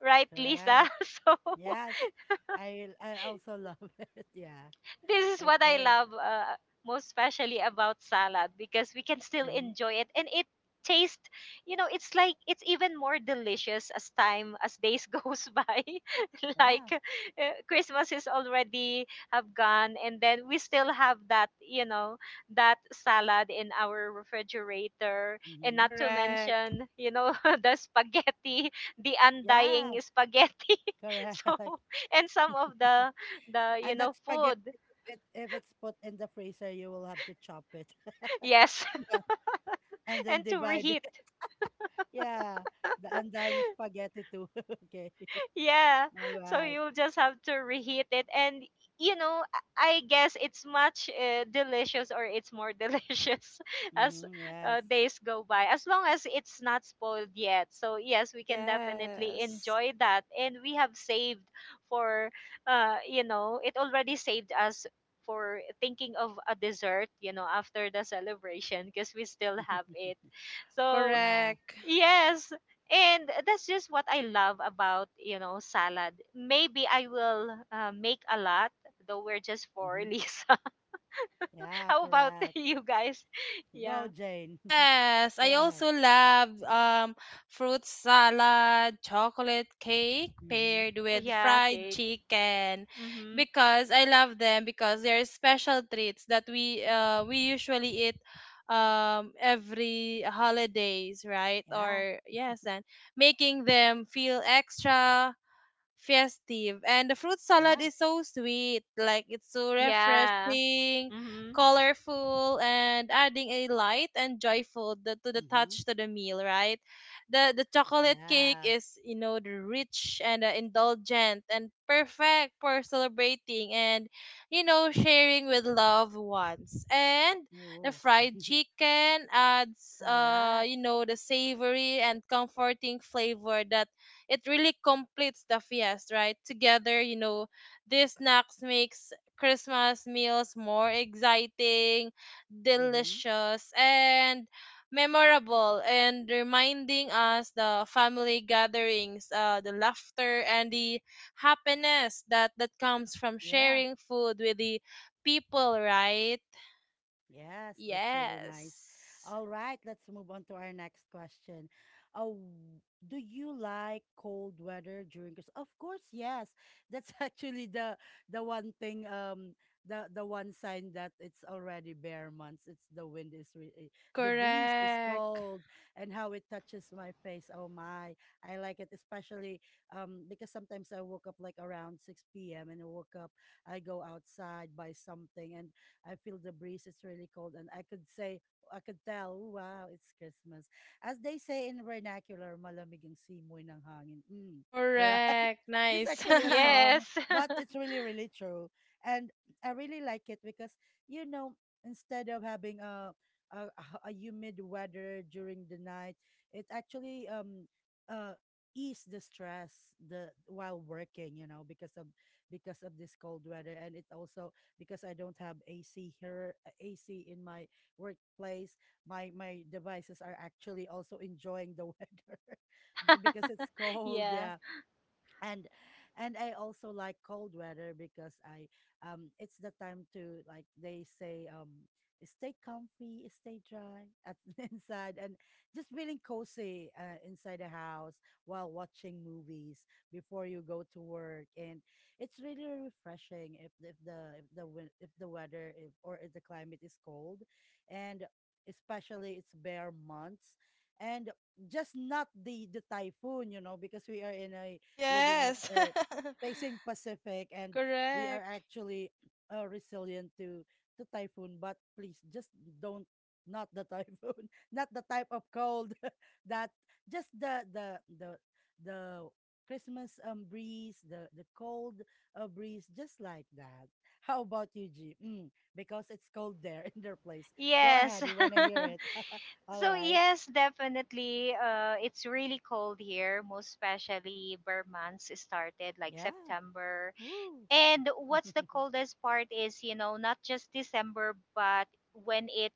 right, Lisa?
Correct.
(laughs) So
Yes. I also love (laughs) it. Yeah.
this is what I
Okay.
love, most especially about salad, because we can still
Mm-hmm.
enjoy it and it tastes, you know, it's like it's even more delicious as time, as days (laughs) goes by. (laughs) Like
Yeah.
Christmas is already have gone, and then we still have that, you know, that salad in our refrigerator. And not
Mm-hmm.
to
Correct.
mention, you know, (laughs) the spaghetti, the
Yeah.
undying spaghetti. (laughs)
Correct.
So
(laughs)
and some of the, you
And
know,
that spaghetti,
food.
if it's put in the freezer, you will have to chop it. (laughs)
Yes, (laughs)
Yeah. And then
and to
divide it.
reheat.
(laughs) Yeah. The undying spaghetti too. (laughs) Okay.
Yeah.
(laughs) All
So
right.
you'll just have to reheat it, and you know, I guess it's much delicious or it's more (laughs) delicious as
Mm-hmm. Yes.
days go by, as long as it's not spoiled yet. So yes, we can definitely
Yes.
enjoy that, and we have saved for you know, it already saved us for thinking of a dessert, you know, after the celebration, because we still have
(laughs)
it. So
Yeah.
Correct.
yes. And that's just what I love about, you know, salad. Maybe I will make a lot, though we're just four, (laughs)
hmm
Lisa.
Yeah,
How about (laughs)
correct.
you guys?
Go,
Yeah.
Jane.
Yes,
(laughs) Go
I
ahead.
also love fruit salad, chocolate cake
Hmm
paired
Oh,
with
yeah,
fried
cake.
chicken,
Mm-hmm.
because I love them because they're special treats that we usually eat every holidays, right?
Yeah.
Or yes, and making them feel extra festive. And the fruit salad
Yeah.
is so sweet, like it's so
Yeah.
refreshing,
Mm-hmm.
colorful, and adding a light and joyful to the
hmm
touch to the meal, right? The chocolate cake
Yeah.
is, you know, the rich and, indulgent and perfect for celebrating and, you know, sharing with loved ones. And the
Ooh.
fried
(laughs)
chicken adds,
Correct.
you know, the savory and comforting flavor that it really completes the feast, right? Together, you know, these snacks makes Christmas meals more exciting,
Hmm
delicious, and memorable, and reminding us the family gatherings, the laughter, and the happiness that comes from
Yeah.
sharing food with the people, right?
Yes, that's really nice.
Yes.
All right, let's move on to our next question. Oh, do you like cold weather during Christmas? Of course, yes. That's (laughs) actually the one thing the one sign that it's already bare months. It's the wind is the breeze is
Correct.
cold and how it touches my face. Oh my, I like it, especially because sometimes I woke up like around 6 p.m. and I woke up, I go outside buy something and I feel the breeze. It's really cold, and I could say, I could tell, wow, it's Christmas. As they say in vernacular, malamig ang simoy ng hangin. Mm, right?
Correct.
(laughs) This is
Nice.
(laughs)
actually a
(laughs)
song,
Yes.
but
(laughs)
it's really, really true. And I really like it because, you know, instead of having a, a humid weather during the night, it actually uh, ease the stress the while working, you know, because of this cold weather. And it also, because I don't have AC here, AC in my workplace. My devices are actually also enjoying the (laughs) weather (laughs) because it's cold.
Yeah.
Yeah. and and I also like cold weather because I it's the time to, like they say, stay comfy, stay dry at (laughs) inside, and just feeling cozy inside the house while watching movies before you go to work. And it's really refreshing if the weather, if, or if the climate is cold. And especially it's bare months, and just not the typhoon, you know, because we are in a living in the
Yes. (laughs)
facing Pacific, and we are
Correct.
actually resilient to typhoon. But please, just don't, not the typhoon, (laughs) not the type of cold (laughs) that just the Christmas breeze, the cold breeze, just like that. How about you, G? Mm, because it's cold there (laughs) in their place. Go
Yes.
ahead, we want to hear
(laughs)
it. (laughs) All
So,
right,
yes, definitely. It's really cold here, most especially where months started, like
yeah.
September.
Woo.
And what's the
(laughs)
coldest part is, you know, not just December, but when it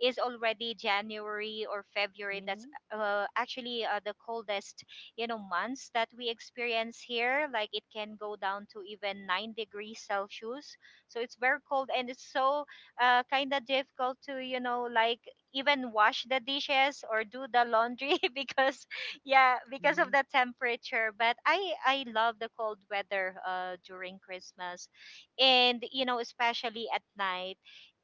is already January or February,
Mm-hmm.
that's actually the coldest, you know, months that we experience here. Like it can go down to even 9 degrees Celsius. So it's very cold, and it's so kind of difficult to, you know, like even wash the dishes or do the laundry (laughs) because yeah, because
Mm-hmm.
of the temperature. But I love the cold weather during Christmas, and you know, especially at night.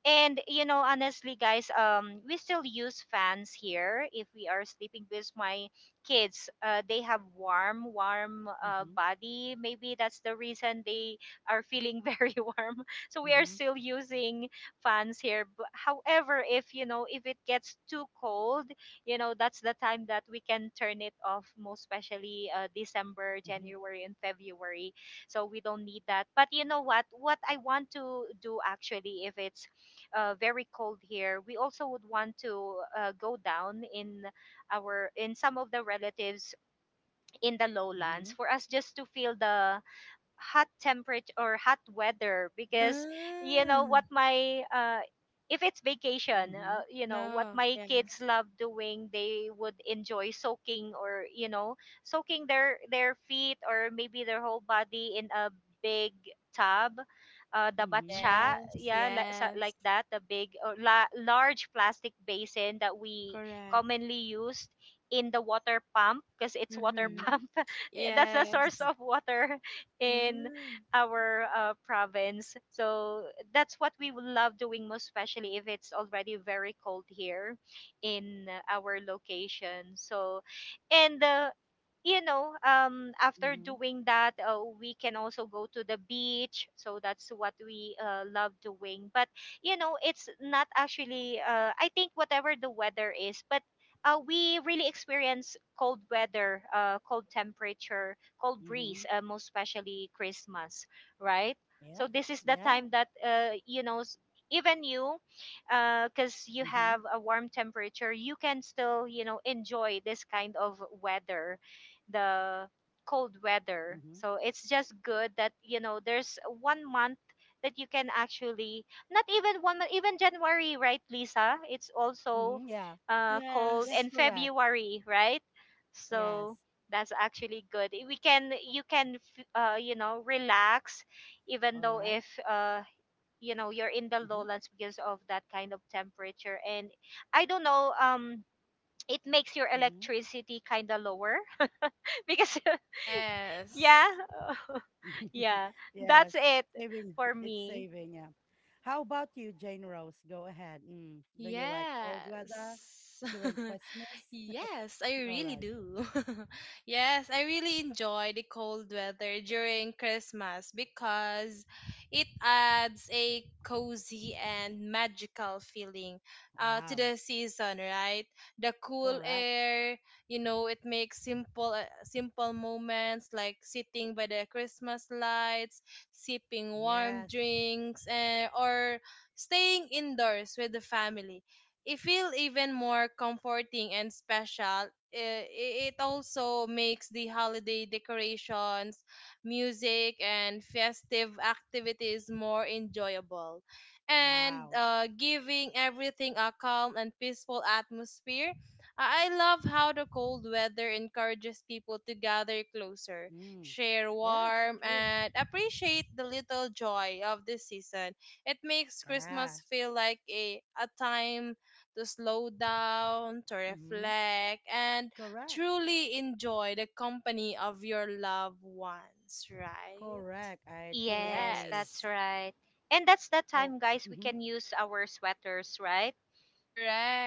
And you know, honestly, guys, we still use fans here if we are sleeping, because my kids, they have warm, warm
Mm-hmm.
body. Maybe that's the reason they are feeling (laughs) very warm. So we are
Mhm,
still using fans here. But however, if you know, if it gets too cold, you know, that's the time that we can turn it off. Most especially December,
mhm,
January, and February, so we don't need that. But you know what I want to do actually, if it's very cold here, we also would want to go down in our in some of the relatives in the lowlands,
mhm,
for us just to feel the hot temperature or hot weather. Because you know what,
Mm.
my if it's vacation,
mhm,
you know what
No.
my kids
Yes.
love doing, they would enjoy soaking, or you know, soaking their feet or maybe their whole body in a big tub, the
Oh,
mhm,
batcha,
yes.
yeah, like, so,
Yes.
like that, the big or la- large plastic basin that we
Correct.
commonly used in the water pump, because it's water (laughs)
Mm-hmm.
mhm,
pump, that's the
Yes.
source of water in
Mm.
our province. So that's what we would love doing, most especially if it's already very cold here in our location. So, and you know, after
mhm,
doing that, we can also go to the beach. So that's what we love doing. But, it's not actually, I think, whatever the weather is, but we really experience cold weather, cold temperature, cold
mhm.
breeze, most especially Christmas, right?
Yeah,
So this is the
yeah.
time that, even you, because you
Mhm,
have a warm temperature, you can still, enjoy this kind of weather, the cold weather.
mhm,
So it's just good that there's one month that you can actually, not even one month, even January, right, Lisa? It's also
mhm. Yeah.
cold
Yes,
Yes.
and
correct.
February, right?
Yes.
So that's actually good. We can you can relax, even
All
though
right.
if you're in the
Mhm,
lowlands because of that kind of temperature. And I don't know. It makes your
mhm.
electricity kind of lower (laughs) because
Yes.
yeah. (laughs)
(laughs)
Yeah.
Yes.
That's it
Saving.
for
It's
me.
saving. Yeah. How about you, Jane Rose? Go ahead. Mm. Do you like cold
Yes.
weather
(laughs)
during Christmas?
Yes, I
(laughs) All
really
right.
do. (laughs) Yes, I really enjoy the cold weather during Christmas, because it adds a cozy and magical feeling, to
Wow.
the season, right? The cool
Correct.
air, you know, it makes simple moments like sitting by the Christmas lights, sipping warm
Yes.
drinks, and, or staying indoors with the family, it feel even more comforting and special. It also makes the holiday decorations, music, and festive activities more enjoyable, and,
Wow.
giving everything a calm and peaceful atmosphere. I love how the cold weather encourages people to gather closer,
Mm.
share
Yes.
warm,
True.
and appreciate the little joy of the season. It makes
Yeah.
Christmas feel like a time to slow down, to
Mm-hmm.
reflect, and
Correct.
truly enjoy the company of your loved ones, right?
Correct. I truly
Yes,
agree.
that's
Yes.
right. And that's the
Oh,
time, guys, we
hmm,
can use our sweaters, right?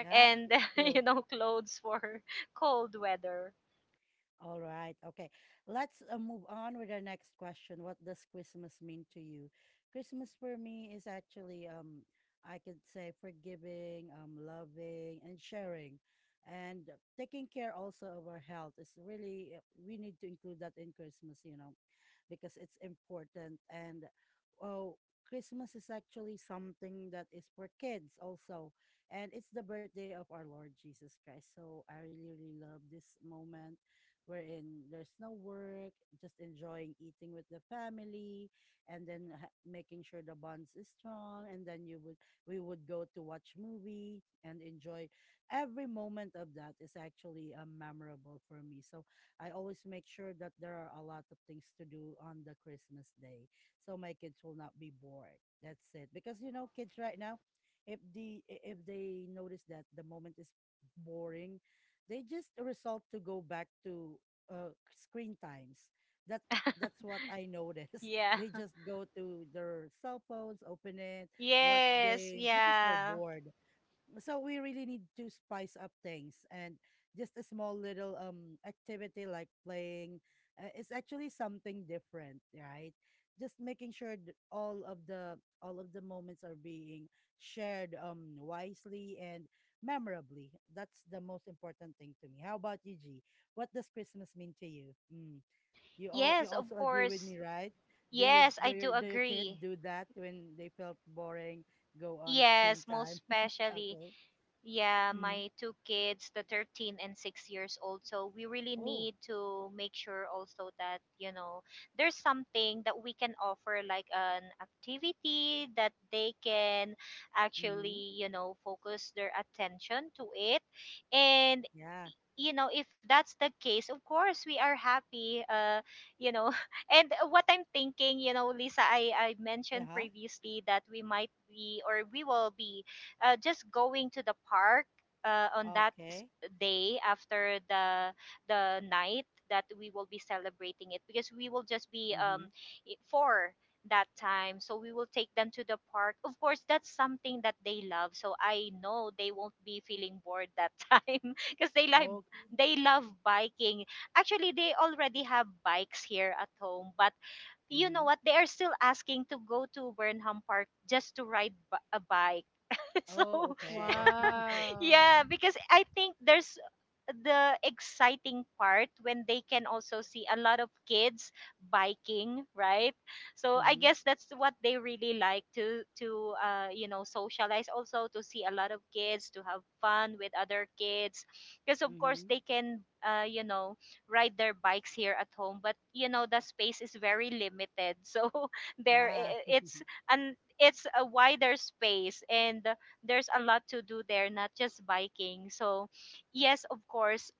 yeah,
And, (laughs)
true.
clothes for (laughs) cold weather.
All right. Okay. Let's move on with our next question. What does Christmas mean to you? Christmas for me is actually I could say forgiving, loving and sharing, and taking care also of our health. It's really, we need to include that in Christmas, you know, because it's important. And oh, Christmas is actually something that is for kids also. And it's the birthday of our Lord Jesus Christ. So I really, really love this moment, wherein there's no work, just enjoying eating with the family, and then making sure the bonds is strong. And then you would we would go to watch movie and enjoy every moment of that. Is actually memorable for me. So I always make sure that there are a lot of things to do on the Christmas day, so my kids will not be bored. That's it. Because you know, kids right now, if if they notice that the moment is boring, they just result to go back to screen times. That that's what I notice. (laughs)
Yeah.
They just go to their cell phones, open it, watch
Yes,
games because they're
yeah.
bored. So we really need to spice up things. And just a small little activity like playing, is actually something different, right? Just making sure that all of the moments are being shared, wisely and memorably. That's the most important thing to me. How about you, G? What does Christmas mean to you? Mm. You all, you
Yes, of
also agree with
course.
me, right?
Yes, I do
Do your kid
agree.
do that when they felt boring, go on screen
Yes, most
time? (laughs)
especially.
Okay.
Yeah,
Mm.
my two kids, the 13 and 6 years old. So we really
Oh.
need to make sure also that, there's something that we can offer, like an activity that they can
Mm-hmm.
actually, focus their attention to it. And
Yeah.
if that's the case, of course we are happy, you know (laughs) and what I'm thinking, Lisa, I mentioned
Uh-huh.
previously that we might be, or we will be, just going to the park, on that
Okay.
day after the night that we will be celebrating it, because we will just be
Mm-hmm.
four that time. So we will take them to the park, of course that's something that they love, so I know they won't be feeling bored that (laughs) time because
Okay.
they love biking. Actually, they already have bikes here at home, but you know
Mm-hmm.
what? They are still asking to go to Burnham Park just to ride a bike. (laughs) So
Oh, okay. (laughs) Mm-hmm.
Wow.
yeah, because I think there's the exciting part when they can also see a lot of kids biking, right? So I guess that's what they really like to, socialize also, to see a lot of kids, to have fun with other kids, because of course
Mm-hmm.
they can, ride their bikes here at home, but the space is very limited (laughs) so there,
Ah.
it's, and it's a wider space, and there's a lot to do there, not just biking. So, yes, of course.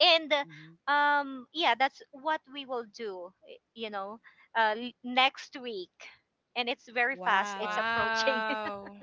And
(laughs) Mm-hmm.
yeah, that's what we will do, next week. And it's very fast, it's
Wow.
approaching.
Wow.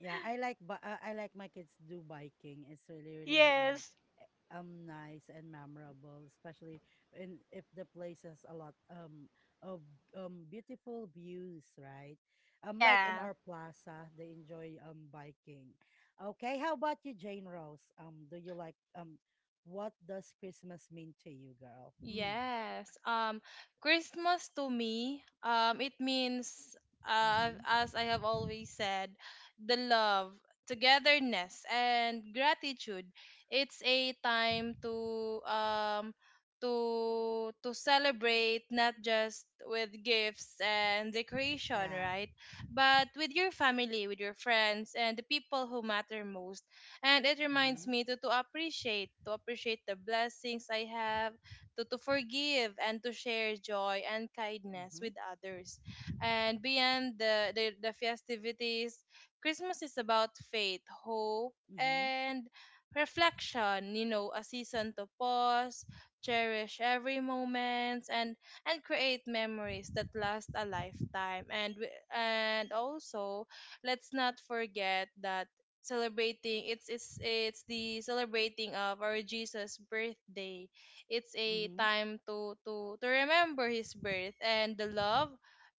Yeah, I like, but I like my kids do biking. It's really,
(laughs)
really
Yes.
nice and memorable, especially in, if the place has a lot of beautiful views, right? Like in
Yeah,
our plaza, they enjoy biking. Okay, how about you, Jane Rose? Do you like what does Christmas mean to you, girl? Mm.
Yes. Christmas to me, it means,
Mm-hmm.
as I have always said, the love, togetherness, and gratitude. It's a time to celebrate not just with gifts and decoration,
Yeah.
right? But with your family, with your friends, and the people who matter most. And it reminds
Mm-hmm.
me to appreciate the blessings I have to forgive and to share joy and kindness with
Mm-hmm.
others. And beyond the festivities, Christmas is about faith, hope,
Mm-hmm.
and reflection, you know, a season to pause, cherish every moment and create memories that last a lifetime. And also, let's not forget that celebrating it's the celebrating of our Jesus birthday. It's a
Mm-hmm.
time to remember his birth and the love,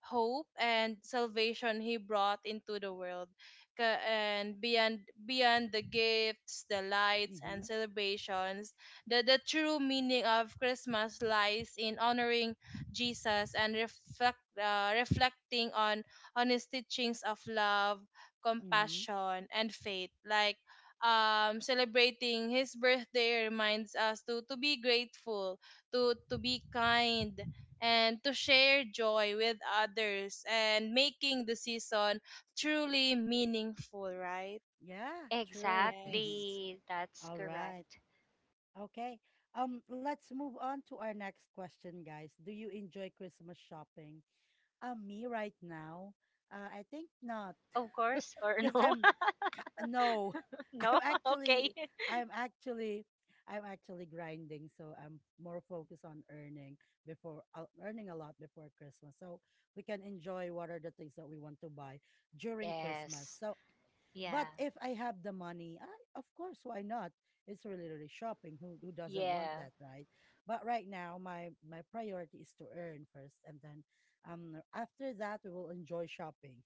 hope, and salvation he brought into the world. And beyond the gifts, the lights, and
Mm-hmm.
celebrations, the true meaning of Christmas lies in honoring Jesus and reflecting on his teachings of love,
Mm-hmm.
compassion, and faith. Like, celebrating his birthday reminds us to be grateful, to be kind, and to share joy with others, and making the season truly meaningful, right?
Yeah, true.
Yes.
exactly.
(laughs)
That's
All right.
correct.
Okay. Let's move on to our next question, guys. Do you enjoy Christmas shopping? Me right now, I think not,
Of course, or
(laughs) because
no?
I'm no,
(laughs)
(laughs) I'm
No? (laughs) Okay.
actually, I'm actually, I'm actually grinding. So I'm more focused on earning before, earning a lot before Christmas, so we can enjoy what are the things that we want to buy during Christmas.
Yes.
So but
Yeah.
if I have the money, I, of course, why not? It's really, really shopping. Who doesn't want
Yeah.
that, right? But right now, my priority is to earn first, and then after that, we will enjoy shopping.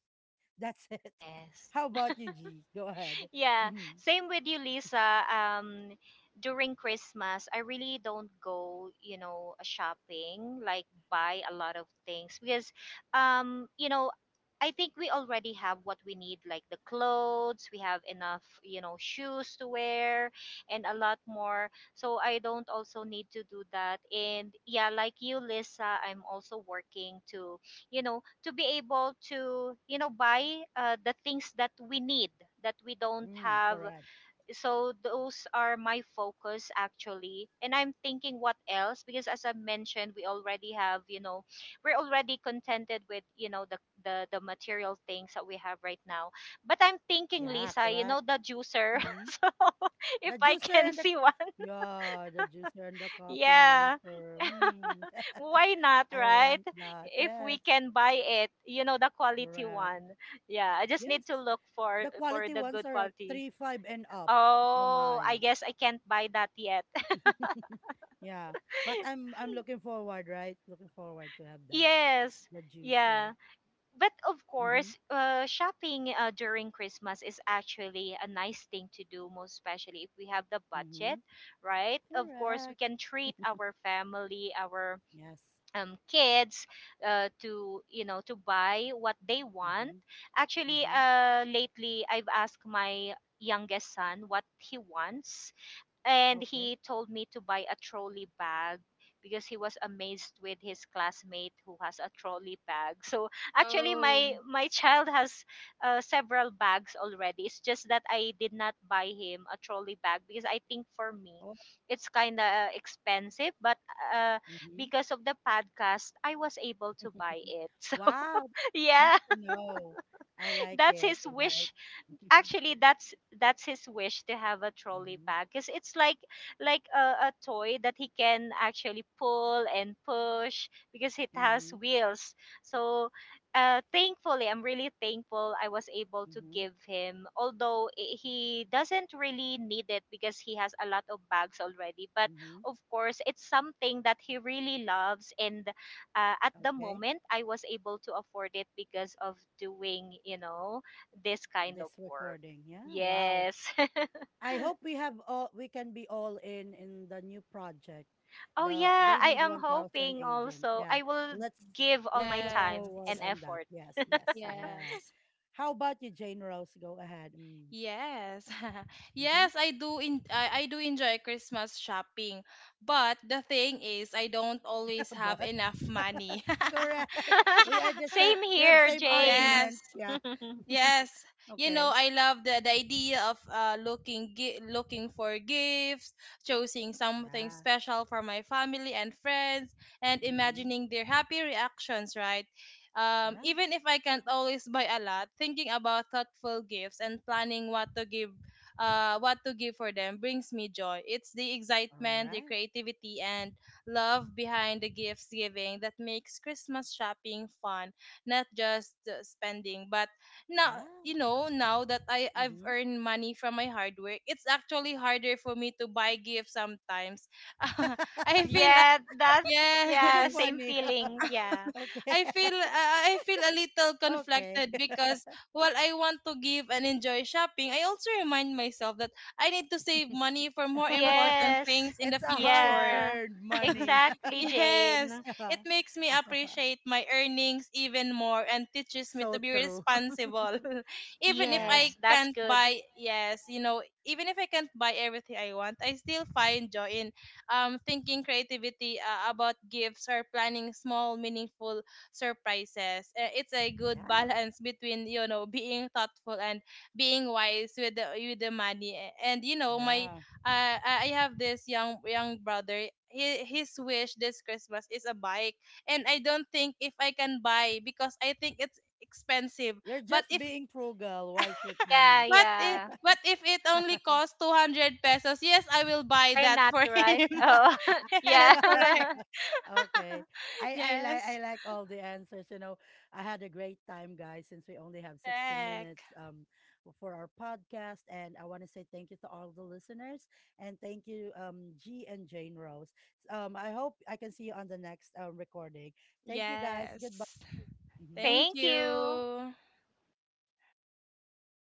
That's it. (laughs)
Yes.
How about you, G? Go ahead.
Yeah,
Mm-hmm.
same with you, Lisa. During Christmas, I really don't go, shopping, like buy a lot of things because, um, you know, I think we already have what we need, like the clothes, we have enough, shoes to wear and a lot more. So I don't also need to do that. And yeah, like you, Lisa, I'm also working to, to be able to, buy, the things that we need, that we don't
Mm,
have.
correct.
So those are my focus, actually. And I'm thinking what else, because as I mentioned, we already have, we're already contented with, the the material things that we have right now. But I'm thinking,
Yeah,
Lisa,
correct.
the juicer (laughs)
Mm-hmm.
so if
The
I
juicer
can
and the,
see one.
yeah, the juicer and the coffee
Yeah,
maker. Mm. (laughs)
why not,
I
right?
want that.
If
Yes,
we can buy it, the quality
correct.
one. Yeah, I just need
Yes.
to look for
The quality
the
ones
good
are
quality.
three, five, and up. Oh
Oh, I
my.
guess I can't buy that yet.
(laughs) Yeah. But I'm looking forward, right? Looking forward to have
(laughs)
that.
Yes.
The
Yeah.
juicer.
But of
Mm-hmm.
course, shopping, during Christmas is actually a nice thing to do, most especially if we have the
Mm-hmm.
budget, right? Of course we
Correct.
can treat
(laughs)
our family, our,
Yes.
kids, to, to buy what they want.
Mm-hmm.
Actually,
Mm-hmm.
lately I've asked my youngest son what he wants, and
Okay.
he told me to buy a trolley bag because he was amazed with his classmate who has a trolley bag. (laughs) So actually, my
Oh,
my child has, several bags already. It's just that I did not buy him a trolley bag because I
Look.
think for me,
Oh.
it's kind of expensive. But, uh,
Mm-hmm.
because of the podcast, I was able to buy
(laughs)
it. (laughs) So
Wow. Nice
yeah,
to know. I like
that's
it.
his
Right.
wish.
(laughs)
Actually, that's his wish, to have a trolley
Mm-hmm.
bag, because it's like, a, toy that he can actually pull and push because it has
Mm-hmm.
wheels. So, thankfully, I'm really thankful I was able to
Mm-hmm.
give him, although he doesn't really need it because he has a lot of bags already. But
Mm-hmm.
of course, it's something that he really loves. And, at the
Okay.
moment I was able to afford it because of doing, this kind of
This
work.
recording. Yeah. Wow.
Yes.
I hope we have all, we can be all in the new project.
(laughs) Oh
The
yeah,
they
I
need
am
1000
hoping
agent.
also
Yeah.
I will
Let's
give all my
look
yes.
time
forward
and
on that.
effort.
Yes, yes. Yeah.
Yes.
How about you, Jane Rose? Go ahead. Mm.
Yes. (laughs)
hmm
Yes, I do enjoy Christmas shopping. But the thing is I don't always
(laughs)
have
but
enough
(laughs)
money. (laughs)
correct. We
(laughs)
are the same,
Same
we have
here,
same
Jane.
argument.
Yes.
Yeah.
(laughs)
Yes,
(laughs)
you know,
Okay.
I love the idea of looking for gifts, choosing something
Yeah.
special for my family and friends, and
Mhm.
imagining their happy reactions. Right,
Yeah.
even if I can't always buy a lot, thinking about thoughtful gifts and planning what to give, for them brings me joy. It's the
All
excitement, the
right.
creativity, and love behind the gifts giving that makes Christmas shopping fun, not just spending, but
Yeah.
now you know now that I've
Mhm.
earned money from my hard work, it's actually harder for me to buy gifts sometimes. (laughs) I
(laughs)
feel
Yeah, that's
yes,
You're
yeah, same
funny.
feeling. Yeah.
(laughs) Okay. (laughs)
I feel a little
Okay.
conflicted because while I want to give and enjoy shopping, I also remind myself that I need to save money for more important
Yes.
things
(laughs)
in the
it's a
future.
Yeah.
hard-earned
(laughs)
money.
Exactly,
Yes,
Jane.
it
(laughs)
makes me appreciate my earnings even more and teaches me to
So
be
true. (laughs)
responsible. (laughs) Even if
Yeah.
I
Yes, that's
can't
good.
buy, yes, you know, even if I can't buy everything I want, I still find joy in thinking creativity about gifts or planning small meaningful surprises. It's a good (laughs)
Yeah.
balance between, you know, being thoughtful and being wise with the money. And you know, my
Yeah.
I have this young brother. He, his wish this Christmas is a bike, and I don't think if I can buy because I think it's expensive.
You're
But
just
if
being frugal, wise with
Yeah,
money.
but if,
yeah.
but if it only costs 200 pesos, yes, I will buy
Why
that
not,
for
right?
him.
Oh, (laughs)
(laughs) Yes,
yeah.
correct.
(laughs)
(laughs) Okay.
(laughs)
I like,
Yes,
I like all the answers. You know, I had a great time, guys, since we only have 60
correct.
minutes for our podcast, and I want to say thank you to all the listeners, and thank you, G and Jane Rose. Um, I hope I can see you on the next recording. Thank you, guys. Goodbye.
Yes.
Mhm.
Thank
Thank you.
you.